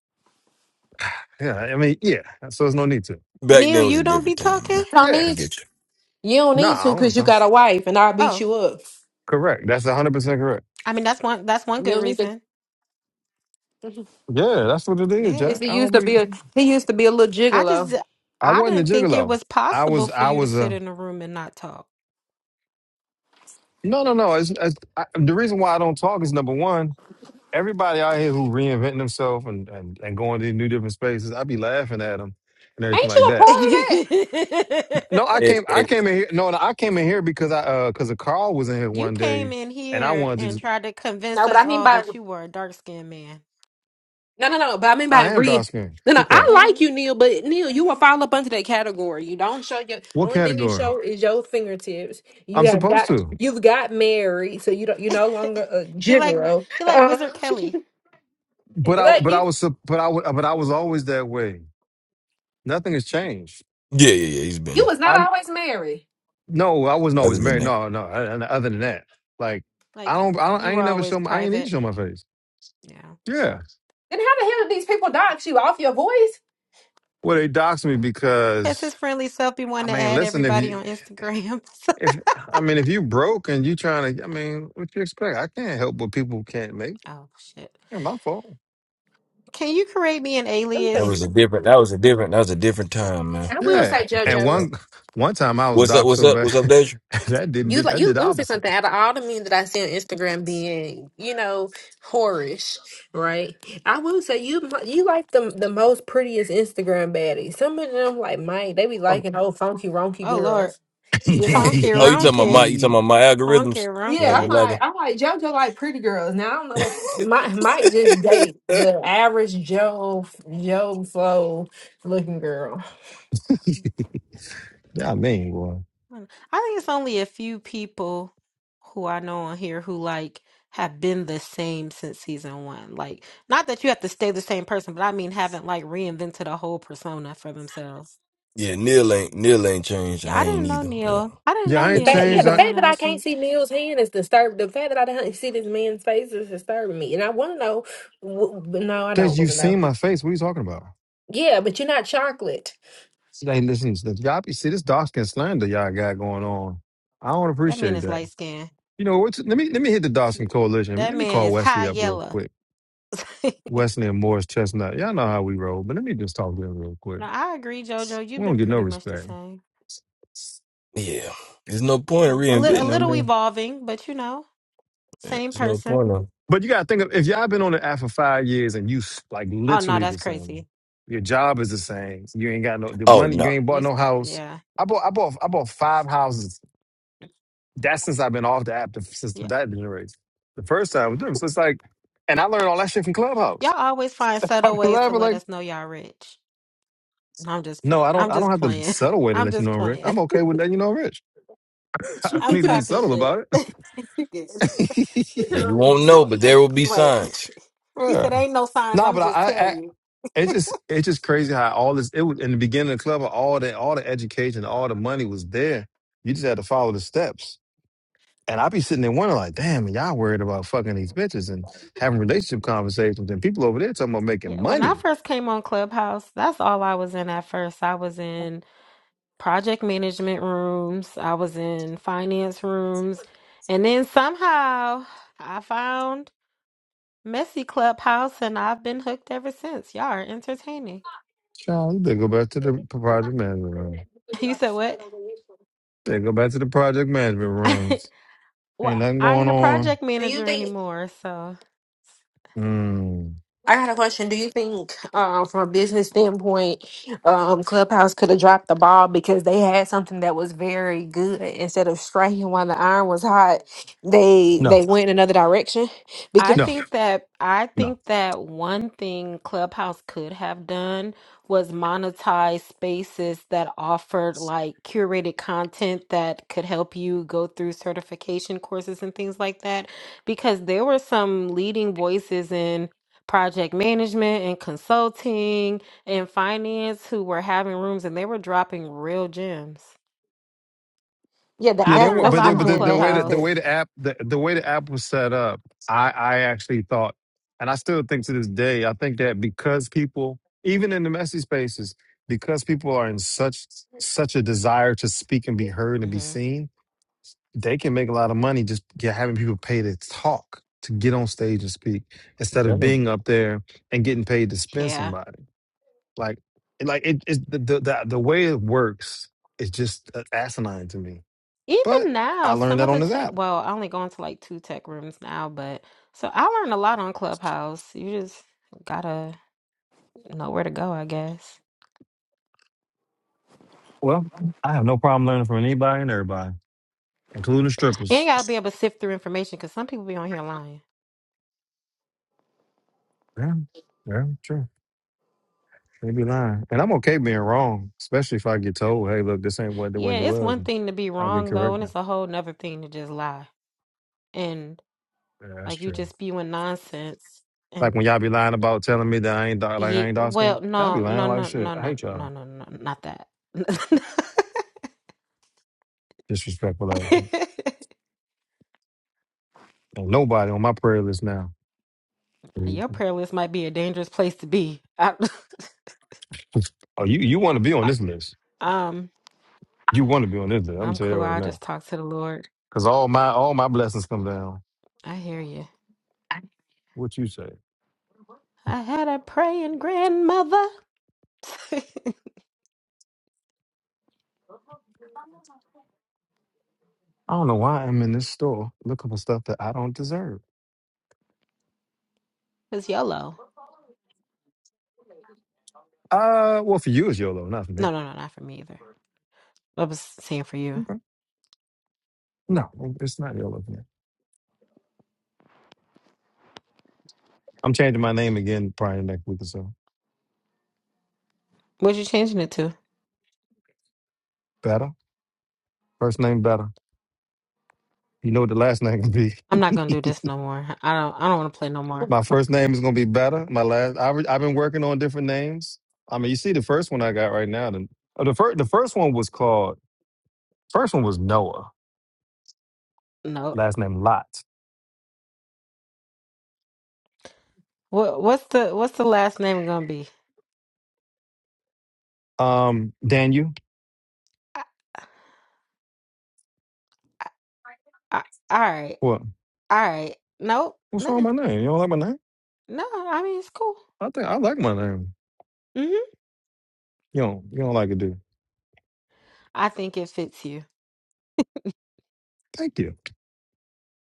Speaker 9: yeah, I mean, yeah. So there's no need to.
Speaker 12: Back
Speaker 13: Neil,
Speaker 12: then was a
Speaker 13: you don't be
Speaker 12: different time,
Speaker 13: talking?
Speaker 12: man.
Speaker 4: Don't
Speaker 9: Yeah,
Speaker 12: I
Speaker 4: need
Speaker 12: get you.
Speaker 4: you don't
Speaker 9: nah,
Speaker 4: need to
Speaker 9: I don't. wanna
Speaker 4: because you
Speaker 9: talk.
Speaker 4: got a wife, and I'll beat
Speaker 13: Oh,
Speaker 4: you up.
Speaker 9: Correct. That's 100 percent correct.
Speaker 13: I mean that's one that's one
Speaker 4: You
Speaker 13: good
Speaker 4: don't need to
Speaker 13: reason.
Speaker 9: Yeah, that's what it is,
Speaker 13: Yeah.
Speaker 4: Yes,
Speaker 9: Jack.
Speaker 4: he
Speaker 9: I
Speaker 4: used
Speaker 9: don't
Speaker 4: to
Speaker 9: be.
Speaker 4: be a he used to be a little
Speaker 13: I
Speaker 4: gigolo.
Speaker 13: just,
Speaker 9: I
Speaker 13: I
Speaker 9: wasn't a
Speaker 13: didn't think it
Speaker 9: gigolo.
Speaker 13: was
Speaker 9: I
Speaker 13: possible
Speaker 9: was
Speaker 13: for
Speaker 9: I
Speaker 13: you to
Speaker 9: was
Speaker 13: sit
Speaker 9: a
Speaker 13: in a room and not talk.
Speaker 9: no no no. It's, it's, I, the reason why I don't talk is number one. Everybody out here who reinventing themselves and, and, and going to new different spaces, I be laughing at them and everything
Speaker 4: Ain't
Speaker 9: like
Speaker 4: you a
Speaker 9: that.
Speaker 4: part of
Speaker 13: you
Speaker 4: that?
Speaker 9: No, I
Speaker 12: And,
Speaker 9: came I
Speaker 12: and
Speaker 9: came in here. No, no, I came in here because I uh because Carl was in here one day
Speaker 13: came in
Speaker 9: and I
Speaker 13: here
Speaker 9: wanted to.
Speaker 13: and
Speaker 9: Just,
Speaker 13: tried to convince
Speaker 4: No, but I
Speaker 13: us
Speaker 4: mean
Speaker 13: all
Speaker 4: by
Speaker 13: that you were a dark skinned man.
Speaker 4: no, no, no. But I mean by
Speaker 9: I am dark
Speaker 4: re.
Speaker 9: skinned.
Speaker 4: No,
Speaker 9: Be
Speaker 4: no.
Speaker 9: quiet.
Speaker 4: I
Speaker 13: hmm
Speaker 4: like you, Neil. But Neil, you will fall up under that category. You don't show your
Speaker 9: What
Speaker 4: only thing you
Speaker 9: category?
Speaker 4: show is your fingertips. You
Speaker 9: I'm
Speaker 4: have
Speaker 9: supposed
Speaker 4: got
Speaker 9: to.
Speaker 4: you've got married, so you don't you're no longer a
Speaker 13: he like
Speaker 4: gigolo.
Speaker 13: he like Wizard Kelly.
Speaker 4: Um,
Speaker 9: But I
Speaker 4: like
Speaker 9: but I
Speaker 4: you,
Speaker 9: was sup- but I wa- but I was always that way. Nothing has changed.
Speaker 12: yeah, yeah, yeah. He's
Speaker 4: you
Speaker 12: been.
Speaker 4: was not always married.
Speaker 9: No, I wasn't
Speaker 12: Other
Speaker 9: always
Speaker 12: than
Speaker 9: married.
Speaker 12: that,
Speaker 9: No, no. And other than that, like I
Speaker 13: Like
Speaker 9: don't, I, don't,
Speaker 13: you
Speaker 9: I
Speaker 13: were
Speaker 9: ain't never
Speaker 13: always
Speaker 9: show. My, I ain't need to
Speaker 13: private.
Speaker 9: show my face.
Speaker 13: Yeah.
Speaker 9: Yeah.
Speaker 4: Then how the hell did these people dox you off your voice?
Speaker 9: Well, they doxed me
Speaker 13: Guess
Speaker 9: because
Speaker 13: his friendly self be
Speaker 9: I
Speaker 13: wanting to
Speaker 9: mean,
Speaker 13: add
Speaker 9: listen, if
Speaker 13: everybody
Speaker 9: you,
Speaker 13: on Instagram. So-
Speaker 9: if I mean, if you broke and you trying to, I mean, what you expect? I can't help what people can't make.
Speaker 13: oh shit.
Speaker 9: Ain't my fault.
Speaker 13: Can you create me an
Speaker 4: Them
Speaker 12: that
Speaker 4: things.
Speaker 12: was
Speaker 13: alias?
Speaker 12: a different. That was a different. That was a different time, man.
Speaker 4: I will
Speaker 9: Yeah.
Speaker 4: say
Speaker 9: And
Speaker 12: What's
Speaker 4: JoJo's.
Speaker 12: up?
Speaker 9: one one time I was
Speaker 12: What's up?
Speaker 9: doxed so bad
Speaker 12: What's up, Deja?
Speaker 9: that didn't do
Speaker 4: You like
Speaker 9: that did
Speaker 4: you
Speaker 9: the
Speaker 4: let me say
Speaker 9: opposite.
Speaker 4: something. Out of all the men that I see on Instagram being, you know, whorish, right? I will say you you like the the most prettiest Instagram baddies. Some of them like Mike, they be liking old funky ronky
Speaker 13: Oh Lord.
Speaker 4: girls. You know?
Speaker 13: Funky
Speaker 12: oh, you talking about my?
Speaker 13: Ronky.
Speaker 12: You talking about my
Speaker 13: Funky
Speaker 12: algorithms? Would I
Speaker 4: Yeah,
Speaker 12: be
Speaker 4: I'm
Speaker 13: Ronky.
Speaker 4: like
Speaker 12: liking?
Speaker 4: I'm like JoJo like pretty girls. Now I don't know Mike might just date the average Joe Joe Flo looking girl.
Speaker 9: yeah, I mean, boy.
Speaker 13: Mm. I think it's only a few people who I know on here who like have been the same since season one. Like, not that you have to stay the same person, but I mean haven't like reinvented a whole persona for themselves.
Speaker 12: yeah, Neil ain't Neil ain't changed. I
Speaker 13: Yeah, I
Speaker 12: ain't
Speaker 13: didn't know
Speaker 12: either. But
Speaker 13: Neil. I didn't
Speaker 9: Yeah,
Speaker 13: know
Speaker 9: I
Speaker 4: The
Speaker 9: ain't
Speaker 13: Neil
Speaker 4: fact, yeah,
Speaker 9: changed.
Speaker 4: the
Speaker 13: season
Speaker 9: I.
Speaker 4: fact
Speaker 13: one,
Speaker 4: that
Speaker 13: and I
Speaker 4: I can't
Speaker 13: think
Speaker 4: see Neil's hand is disturbing. The fact that I don't see this man's face is disturbing me, and I want to know. w- but No, I
Speaker 9: Since
Speaker 4: don't want
Speaker 9: you've
Speaker 4: to know.
Speaker 9: seen my face, what are you talking about?
Speaker 4: Yeah, but you're not chocolate.
Speaker 9: See, like, listen, so y'all be see this dark skin slander y'all got going on. I don't
Speaker 13: that man
Speaker 9: appreciate
Speaker 13: is
Speaker 9: that.
Speaker 13: light skinned.
Speaker 9: You know what? Let me let me hit the Dawson Coalition.
Speaker 13: That
Speaker 9: Let me
Speaker 13: man
Speaker 9: call
Speaker 13: is
Speaker 9: Wesley
Speaker 13: high
Speaker 9: up real
Speaker 13: yellow.
Speaker 9: quick. Wesley and Morris Chestnut. Y'all know how we roll, but let me just talk to him real quick.
Speaker 13: No, I agree, Jojo.
Speaker 9: We
Speaker 13: You've
Speaker 9: don't
Speaker 13: been
Speaker 9: get no
Speaker 13: pretty much the
Speaker 9: respect.
Speaker 13: same.
Speaker 12: yeah, there's no point in
Speaker 13: Yeah. A little, a little
Speaker 12: reinventing.
Speaker 13: evolving, but you know, same
Speaker 12: There's no
Speaker 13: person.
Speaker 12: point of.
Speaker 9: But you gotta think of if y'all been on the app for five years and you s- like
Speaker 13: Oh no,
Speaker 9: literally
Speaker 13: that's
Speaker 9: the same.
Speaker 13: crazy.
Speaker 9: Your job is the same. You ain't got no the
Speaker 12: Oh
Speaker 9: money. You
Speaker 12: no,
Speaker 9: ain't
Speaker 13: You,
Speaker 9: bought
Speaker 13: s-
Speaker 9: no house.
Speaker 13: yeah.
Speaker 9: I bought I bought I bought five houses That's since I've been off the app to, since
Speaker 13: yeah.
Speaker 9: that generates. The first time, dude, so it's like, and I learned all that shit from
Speaker 13: Y'all
Speaker 9: Clubhouse.
Speaker 13: always find subtle
Speaker 9: I've been
Speaker 13: ways to
Speaker 9: laughing
Speaker 13: let
Speaker 9: like,
Speaker 13: us know y'all rich. No, I'm just, pl-
Speaker 9: no, I don't.
Speaker 13: I'm
Speaker 9: I don't
Speaker 13: just
Speaker 9: have the
Speaker 13: playing.
Speaker 9: subtle way to
Speaker 13: I'm
Speaker 9: let you know
Speaker 13: just
Speaker 9: I'm rich.
Speaker 13: playing.
Speaker 9: I'm okay with letting you know I'm rich. I don't
Speaker 13: I'm
Speaker 9: need to be
Speaker 13: talking
Speaker 9: subtle
Speaker 13: shit.
Speaker 9: about
Speaker 13: You good.
Speaker 9: it.
Speaker 12: Yeah, you won't know, but there will be
Speaker 13: right.
Speaker 12: signs.
Speaker 13: He
Speaker 9: yeah.
Speaker 13: said, "Ain't no signs."
Speaker 9: No,
Speaker 13: I'm
Speaker 9: but I,
Speaker 13: just
Speaker 9: I,
Speaker 13: tell
Speaker 9: I
Speaker 13: you.
Speaker 9: it's just it's just crazy how all this it was in the beginning of the club all the all the education all the money was there. You just had to follow the steps. And I be sitting there wondering like, damn, y'all worried about fucking these bitches and having relationship conversations, and people over there talking about making
Speaker 13: Yeah. When
Speaker 9: money.
Speaker 13: I first came on Clubhouse, that's all I was in at first. I was in project management rooms. I was in finance rooms, and then somehow I found Messy Clubhouse, and I've been hooked ever since. Y'all are entertaining.
Speaker 9: Child, they go back to the p- project management room.
Speaker 13: You said what?
Speaker 9: They go back to the project management rooms. Ain't
Speaker 13: Well,
Speaker 9: nothing
Speaker 13: I
Speaker 9: going
Speaker 13: ain't a
Speaker 9: on.
Speaker 13: project
Speaker 4: Do you
Speaker 13: manager
Speaker 4: think?
Speaker 13: anymore, so
Speaker 9: Mm.
Speaker 4: I got a question. Do you think, um, from a business standpoint, um, Clubhouse could have dropped the ball because they had something that was very good instead of striking while the iron was hot? They
Speaker 9: No,
Speaker 4: they went in another direction
Speaker 13: I
Speaker 4: because
Speaker 9: no,
Speaker 13: think that I
Speaker 9: no.
Speaker 13: think that one thing Clubhouse could have done was monetize spaces that offered like curated content that could help you go through certification courses and things like that because there were some leading voices in project management and consulting and finance who were having rooms and they were dropping real gems.
Speaker 4: yeah, that,
Speaker 9: Yeah,
Speaker 13: I've
Speaker 9: they
Speaker 4: that
Speaker 9: were,
Speaker 13: learned a
Speaker 4: that's
Speaker 9: but
Speaker 4: what
Speaker 9: they,
Speaker 13: lot
Speaker 4: I'm
Speaker 9: but
Speaker 13: on
Speaker 9: the,
Speaker 4: saying in
Speaker 9: the
Speaker 4: that
Speaker 9: way that the
Speaker 4: instance.
Speaker 13: Clubhouse.
Speaker 9: way the app the, the way the app was set up, I I actually thought, and I still think to this day, I think that because people, even in the messy spaces, because people are in such such a desire to speak and be heard and be
Speaker 13: hmm
Speaker 9: seen, they can make a lot of money just get, having people pay to talk, to get on stage and speak,
Speaker 12: I'm
Speaker 9: instead of
Speaker 12: telling you.
Speaker 9: being up there and getting paid to spin
Speaker 13: Yeah.
Speaker 9: somebody. Like, like it is the, the the the way it works is just uh, asinine to me. But
Speaker 13: Even
Speaker 9: I
Speaker 13: now,
Speaker 9: learned
Speaker 13: some
Speaker 9: that
Speaker 13: of
Speaker 9: on
Speaker 13: the
Speaker 9: this
Speaker 13: tech,
Speaker 9: app.
Speaker 13: well, I only go into like two tech rooms now, but so I learned a lot on Clubhouse. You just gotta know where to go, I guess.
Speaker 9: Well, I have no problem learning from anybody and everybody, including
Speaker 13: And you
Speaker 9: strippers.
Speaker 13: gotta be able to sift through information because some people be on here lying.
Speaker 9: Yeah, yeah, sure. They be lying, and I'm okay being wrong, especially if I get told, "Hey, look, this ain't what the what
Speaker 13: Yeah,
Speaker 9: it
Speaker 13: it's
Speaker 9: was."
Speaker 13: one
Speaker 9: And
Speaker 13: thing to be
Speaker 9: I get
Speaker 13: wrong though, and
Speaker 9: corrected.
Speaker 13: it's a whole nother thing to just lie. And
Speaker 9: Yeah, that's
Speaker 13: like you
Speaker 9: true.
Speaker 13: just spewing nonsense.
Speaker 9: Like when y'all be lying about telling me that I ain't dark, like
Speaker 13: Yeah,
Speaker 9: I ain't dark skinned.
Speaker 13: well,
Speaker 9: Y'all be
Speaker 13: no, no,
Speaker 9: lying like
Speaker 13: no,
Speaker 9: shit.
Speaker 13: no,
Speaker 9: I
Speaker 13: no,
Speaker 9: hate y'all.
Speaker 13: no, no, no, not that.
Speaker 9: Disrespectful ass. Ain't nobody on my prayer list now.
Speaker 13: Your prayer list might be a dangerous place to be. I,
Speaker 9: Oh, you you want to be on
Speaker 13: I-
Speaker 9: this list?
Speaker 13: um,
Speaker 9: You want to be on this list? I'm gonna
Speaker 13: I'm
Speaker 9: tell you that
Speaker 13: cool.
Speaker 9: right
Speaker 13: I'll
Speaker 9: now.
Speaker 13: just talk to the Lord.
Speaker 9: Cause all my all my blessings come down.
Speaker 13: I hear you.
Speaker 9: What you say?
Speaker 13: I had a praying grandmother.
Speaker 9: I don't know why I'm in this store looking for stuff that I don't deserve.
Speaker 13: It's YOLO.
Speaker 9: Uh, well, for you it's YOLO, not for me.
Speaker 13: No, no, no, not for me either. I was saying for you.
Speaker 9: Okay. No, it's not YOLO for me. I'm changing my name again probably next week or so.
Speaker 13: What you changing it to?
Speaker 9: Better. First name better. You know what the last name gonna
Speaker 13: I'm not gonna do
Speaker 9: be.
Speaker 13: this no more. I don't. I don't want to play no more.
Speaker 9: my first name is gonna be better. My last. I re, I've been working on different names. I mean, you see the first one I got right now. The, the first the first one was called. First one was Noah.
Speaker 13: No.
Speaker 9: Last name Lot.
Speaker 13: What? What's the What's the last name gonna be?
Speaker 9: Um, Daniel.
Speaker 13: I, I, I, all right.
Speaker 9: What?
Speaker 13: All right. Nope.
Speaker 9: What's wrong
Speaker 13: Nothing.
Speaker 9: with my name? You don't like my name?
Speaker 13: No, I mean it's cool.
Speaker 9: I think I like my name.
Speaker 13: hmm
Speaker 9: You don't. You don't like it, Dude,
Speaker 13: I think it fits you.
Speaker 9: Thank you.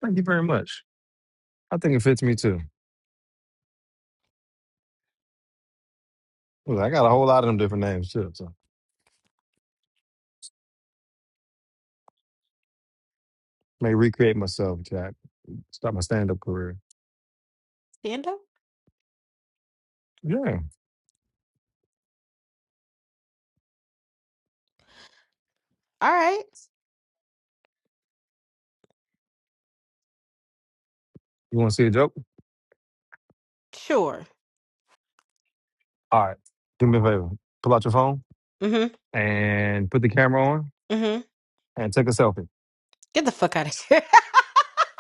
Speaker 9: Thank you very much. I think it fits me too. Look, I got a whole lot of them different names too. So may recreate myself, Jack. Start my stand up career.
Speaker 13: Stand up.
Speaker 9: Yeah.
Speaker 13: All right.
Speaker 9: You want to see a joke?
Speaker 13: Sure.
Speaker 9: All right. Do me a favor. Pull out your phone
Speaker 13: mm
Speaker 9: and put the camera on
Speaker 13: hmm mm hmm
Speaker 9: and take a selfie.
Speaker 13: Get the fuck out of here.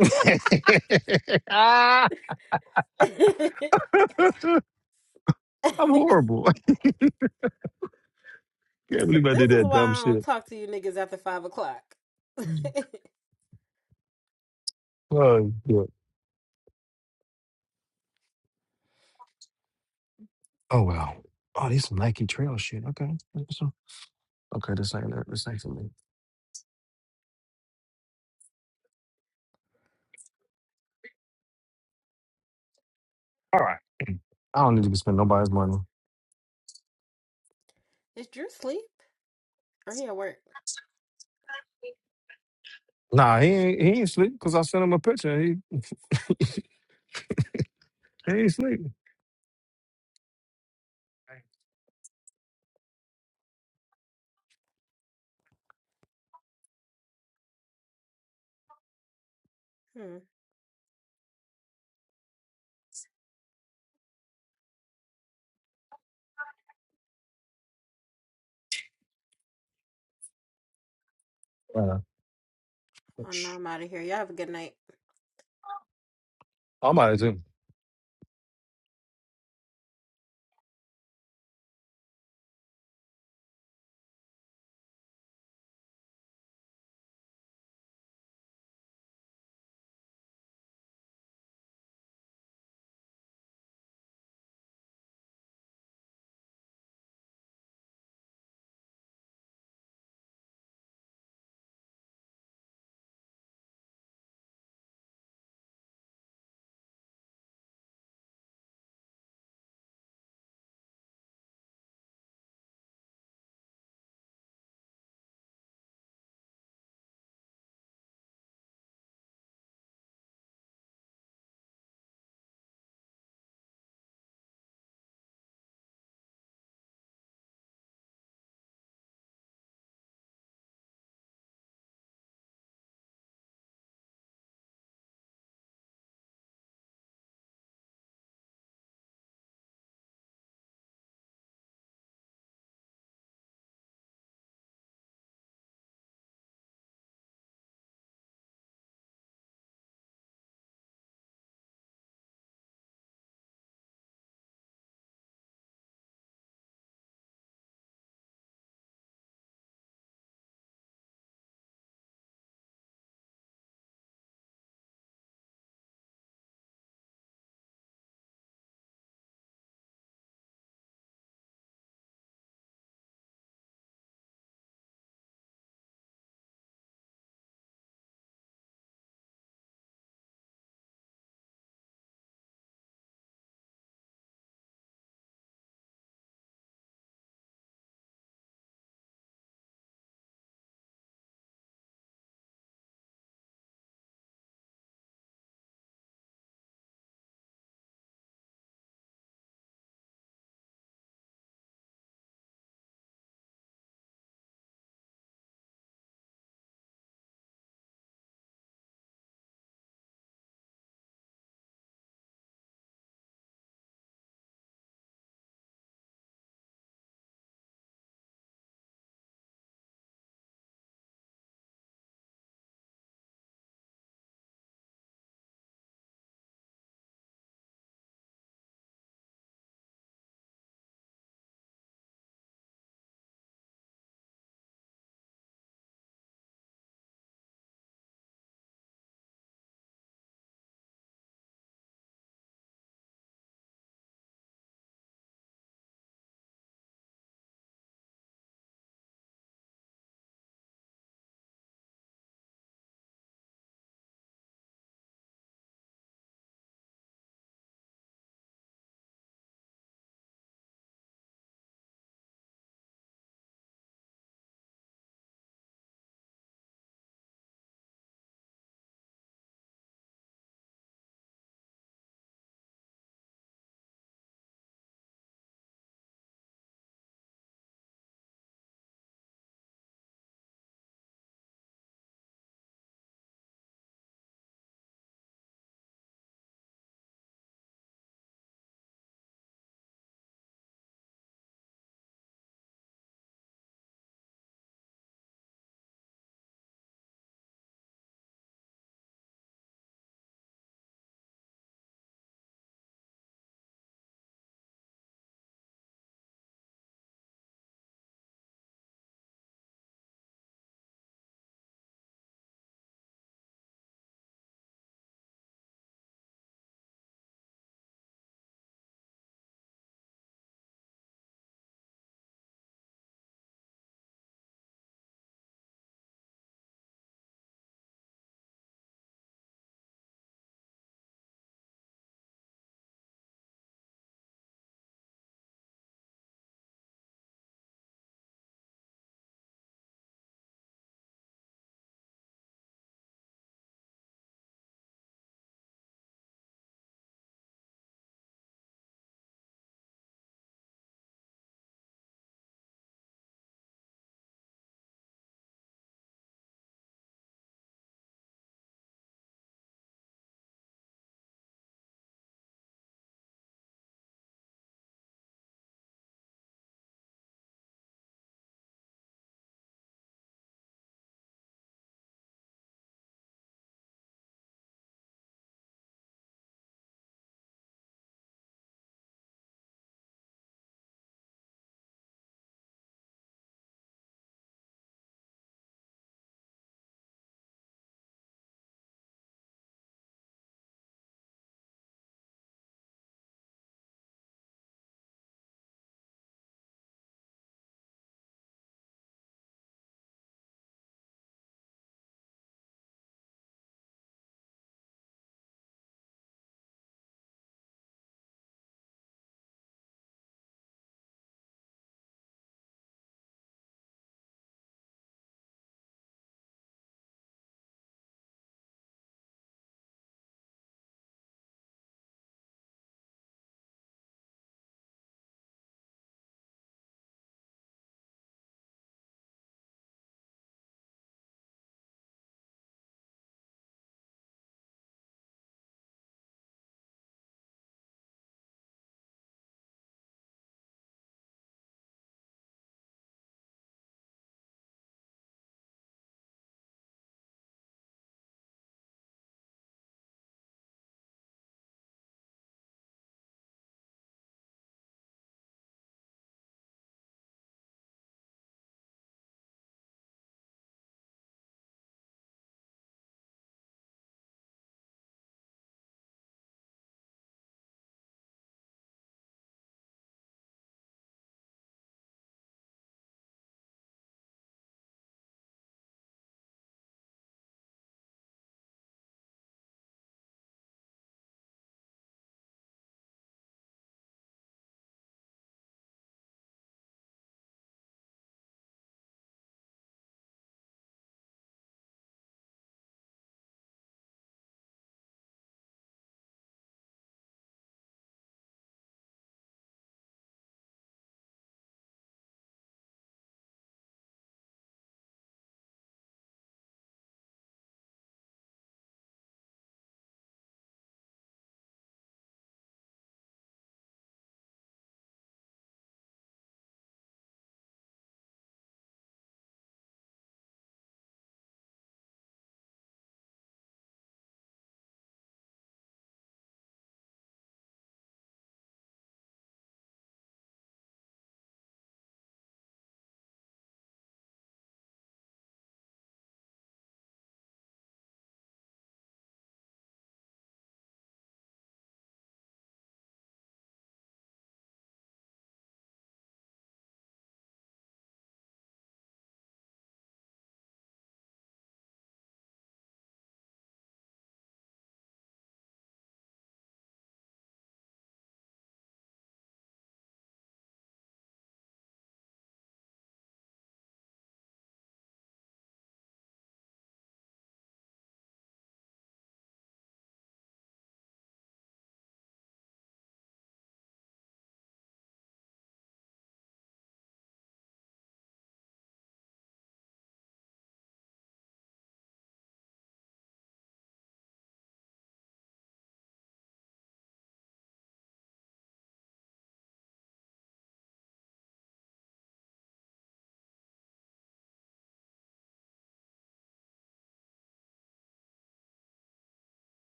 Speaker 9: Ah, I'm horrible. I can't
Speaker 13: this,
Speaker 9: believe I
Speaker 13: this
Speaker 9: did
Speaker 13: is
Speaker 9: that
Speaker 13: why
Speaker 9: dumb
Speaker 13: I don't
Speaker 9: shit.
Speaker 13: talk to you niggas after five o'clock.
Speaker 9: Oh, yeah. oh well. Oh, these some Nike trail shit. Okay. Okay, this ain't this ain't for me. All right. I don't need to spend nobody's money.
Speaker 13: is Drew asleep? Or he at work?
Speaker 9: Nah, he ain't he ain't sleep because I sent him a picture. He he ain't sleep.
Speaker 13: Hmm.
Speaker 9: Uh,
Speaker 13: Oh no, I'm out of here. Y'all have a good night.
Speaker 9: I might as well.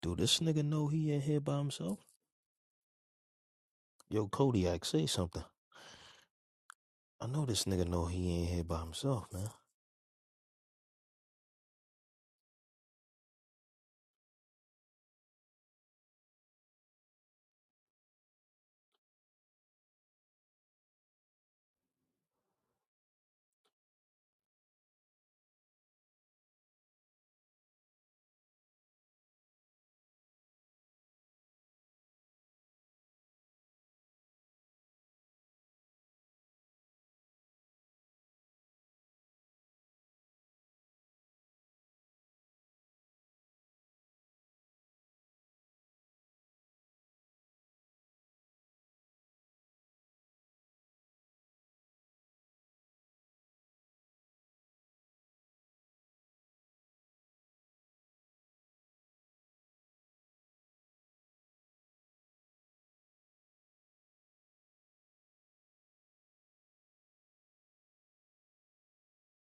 Speaker 14: Do this nigga know he in here by himself? Yo, Kodiak, say something. I know this nigga know he ain't here by himself, man.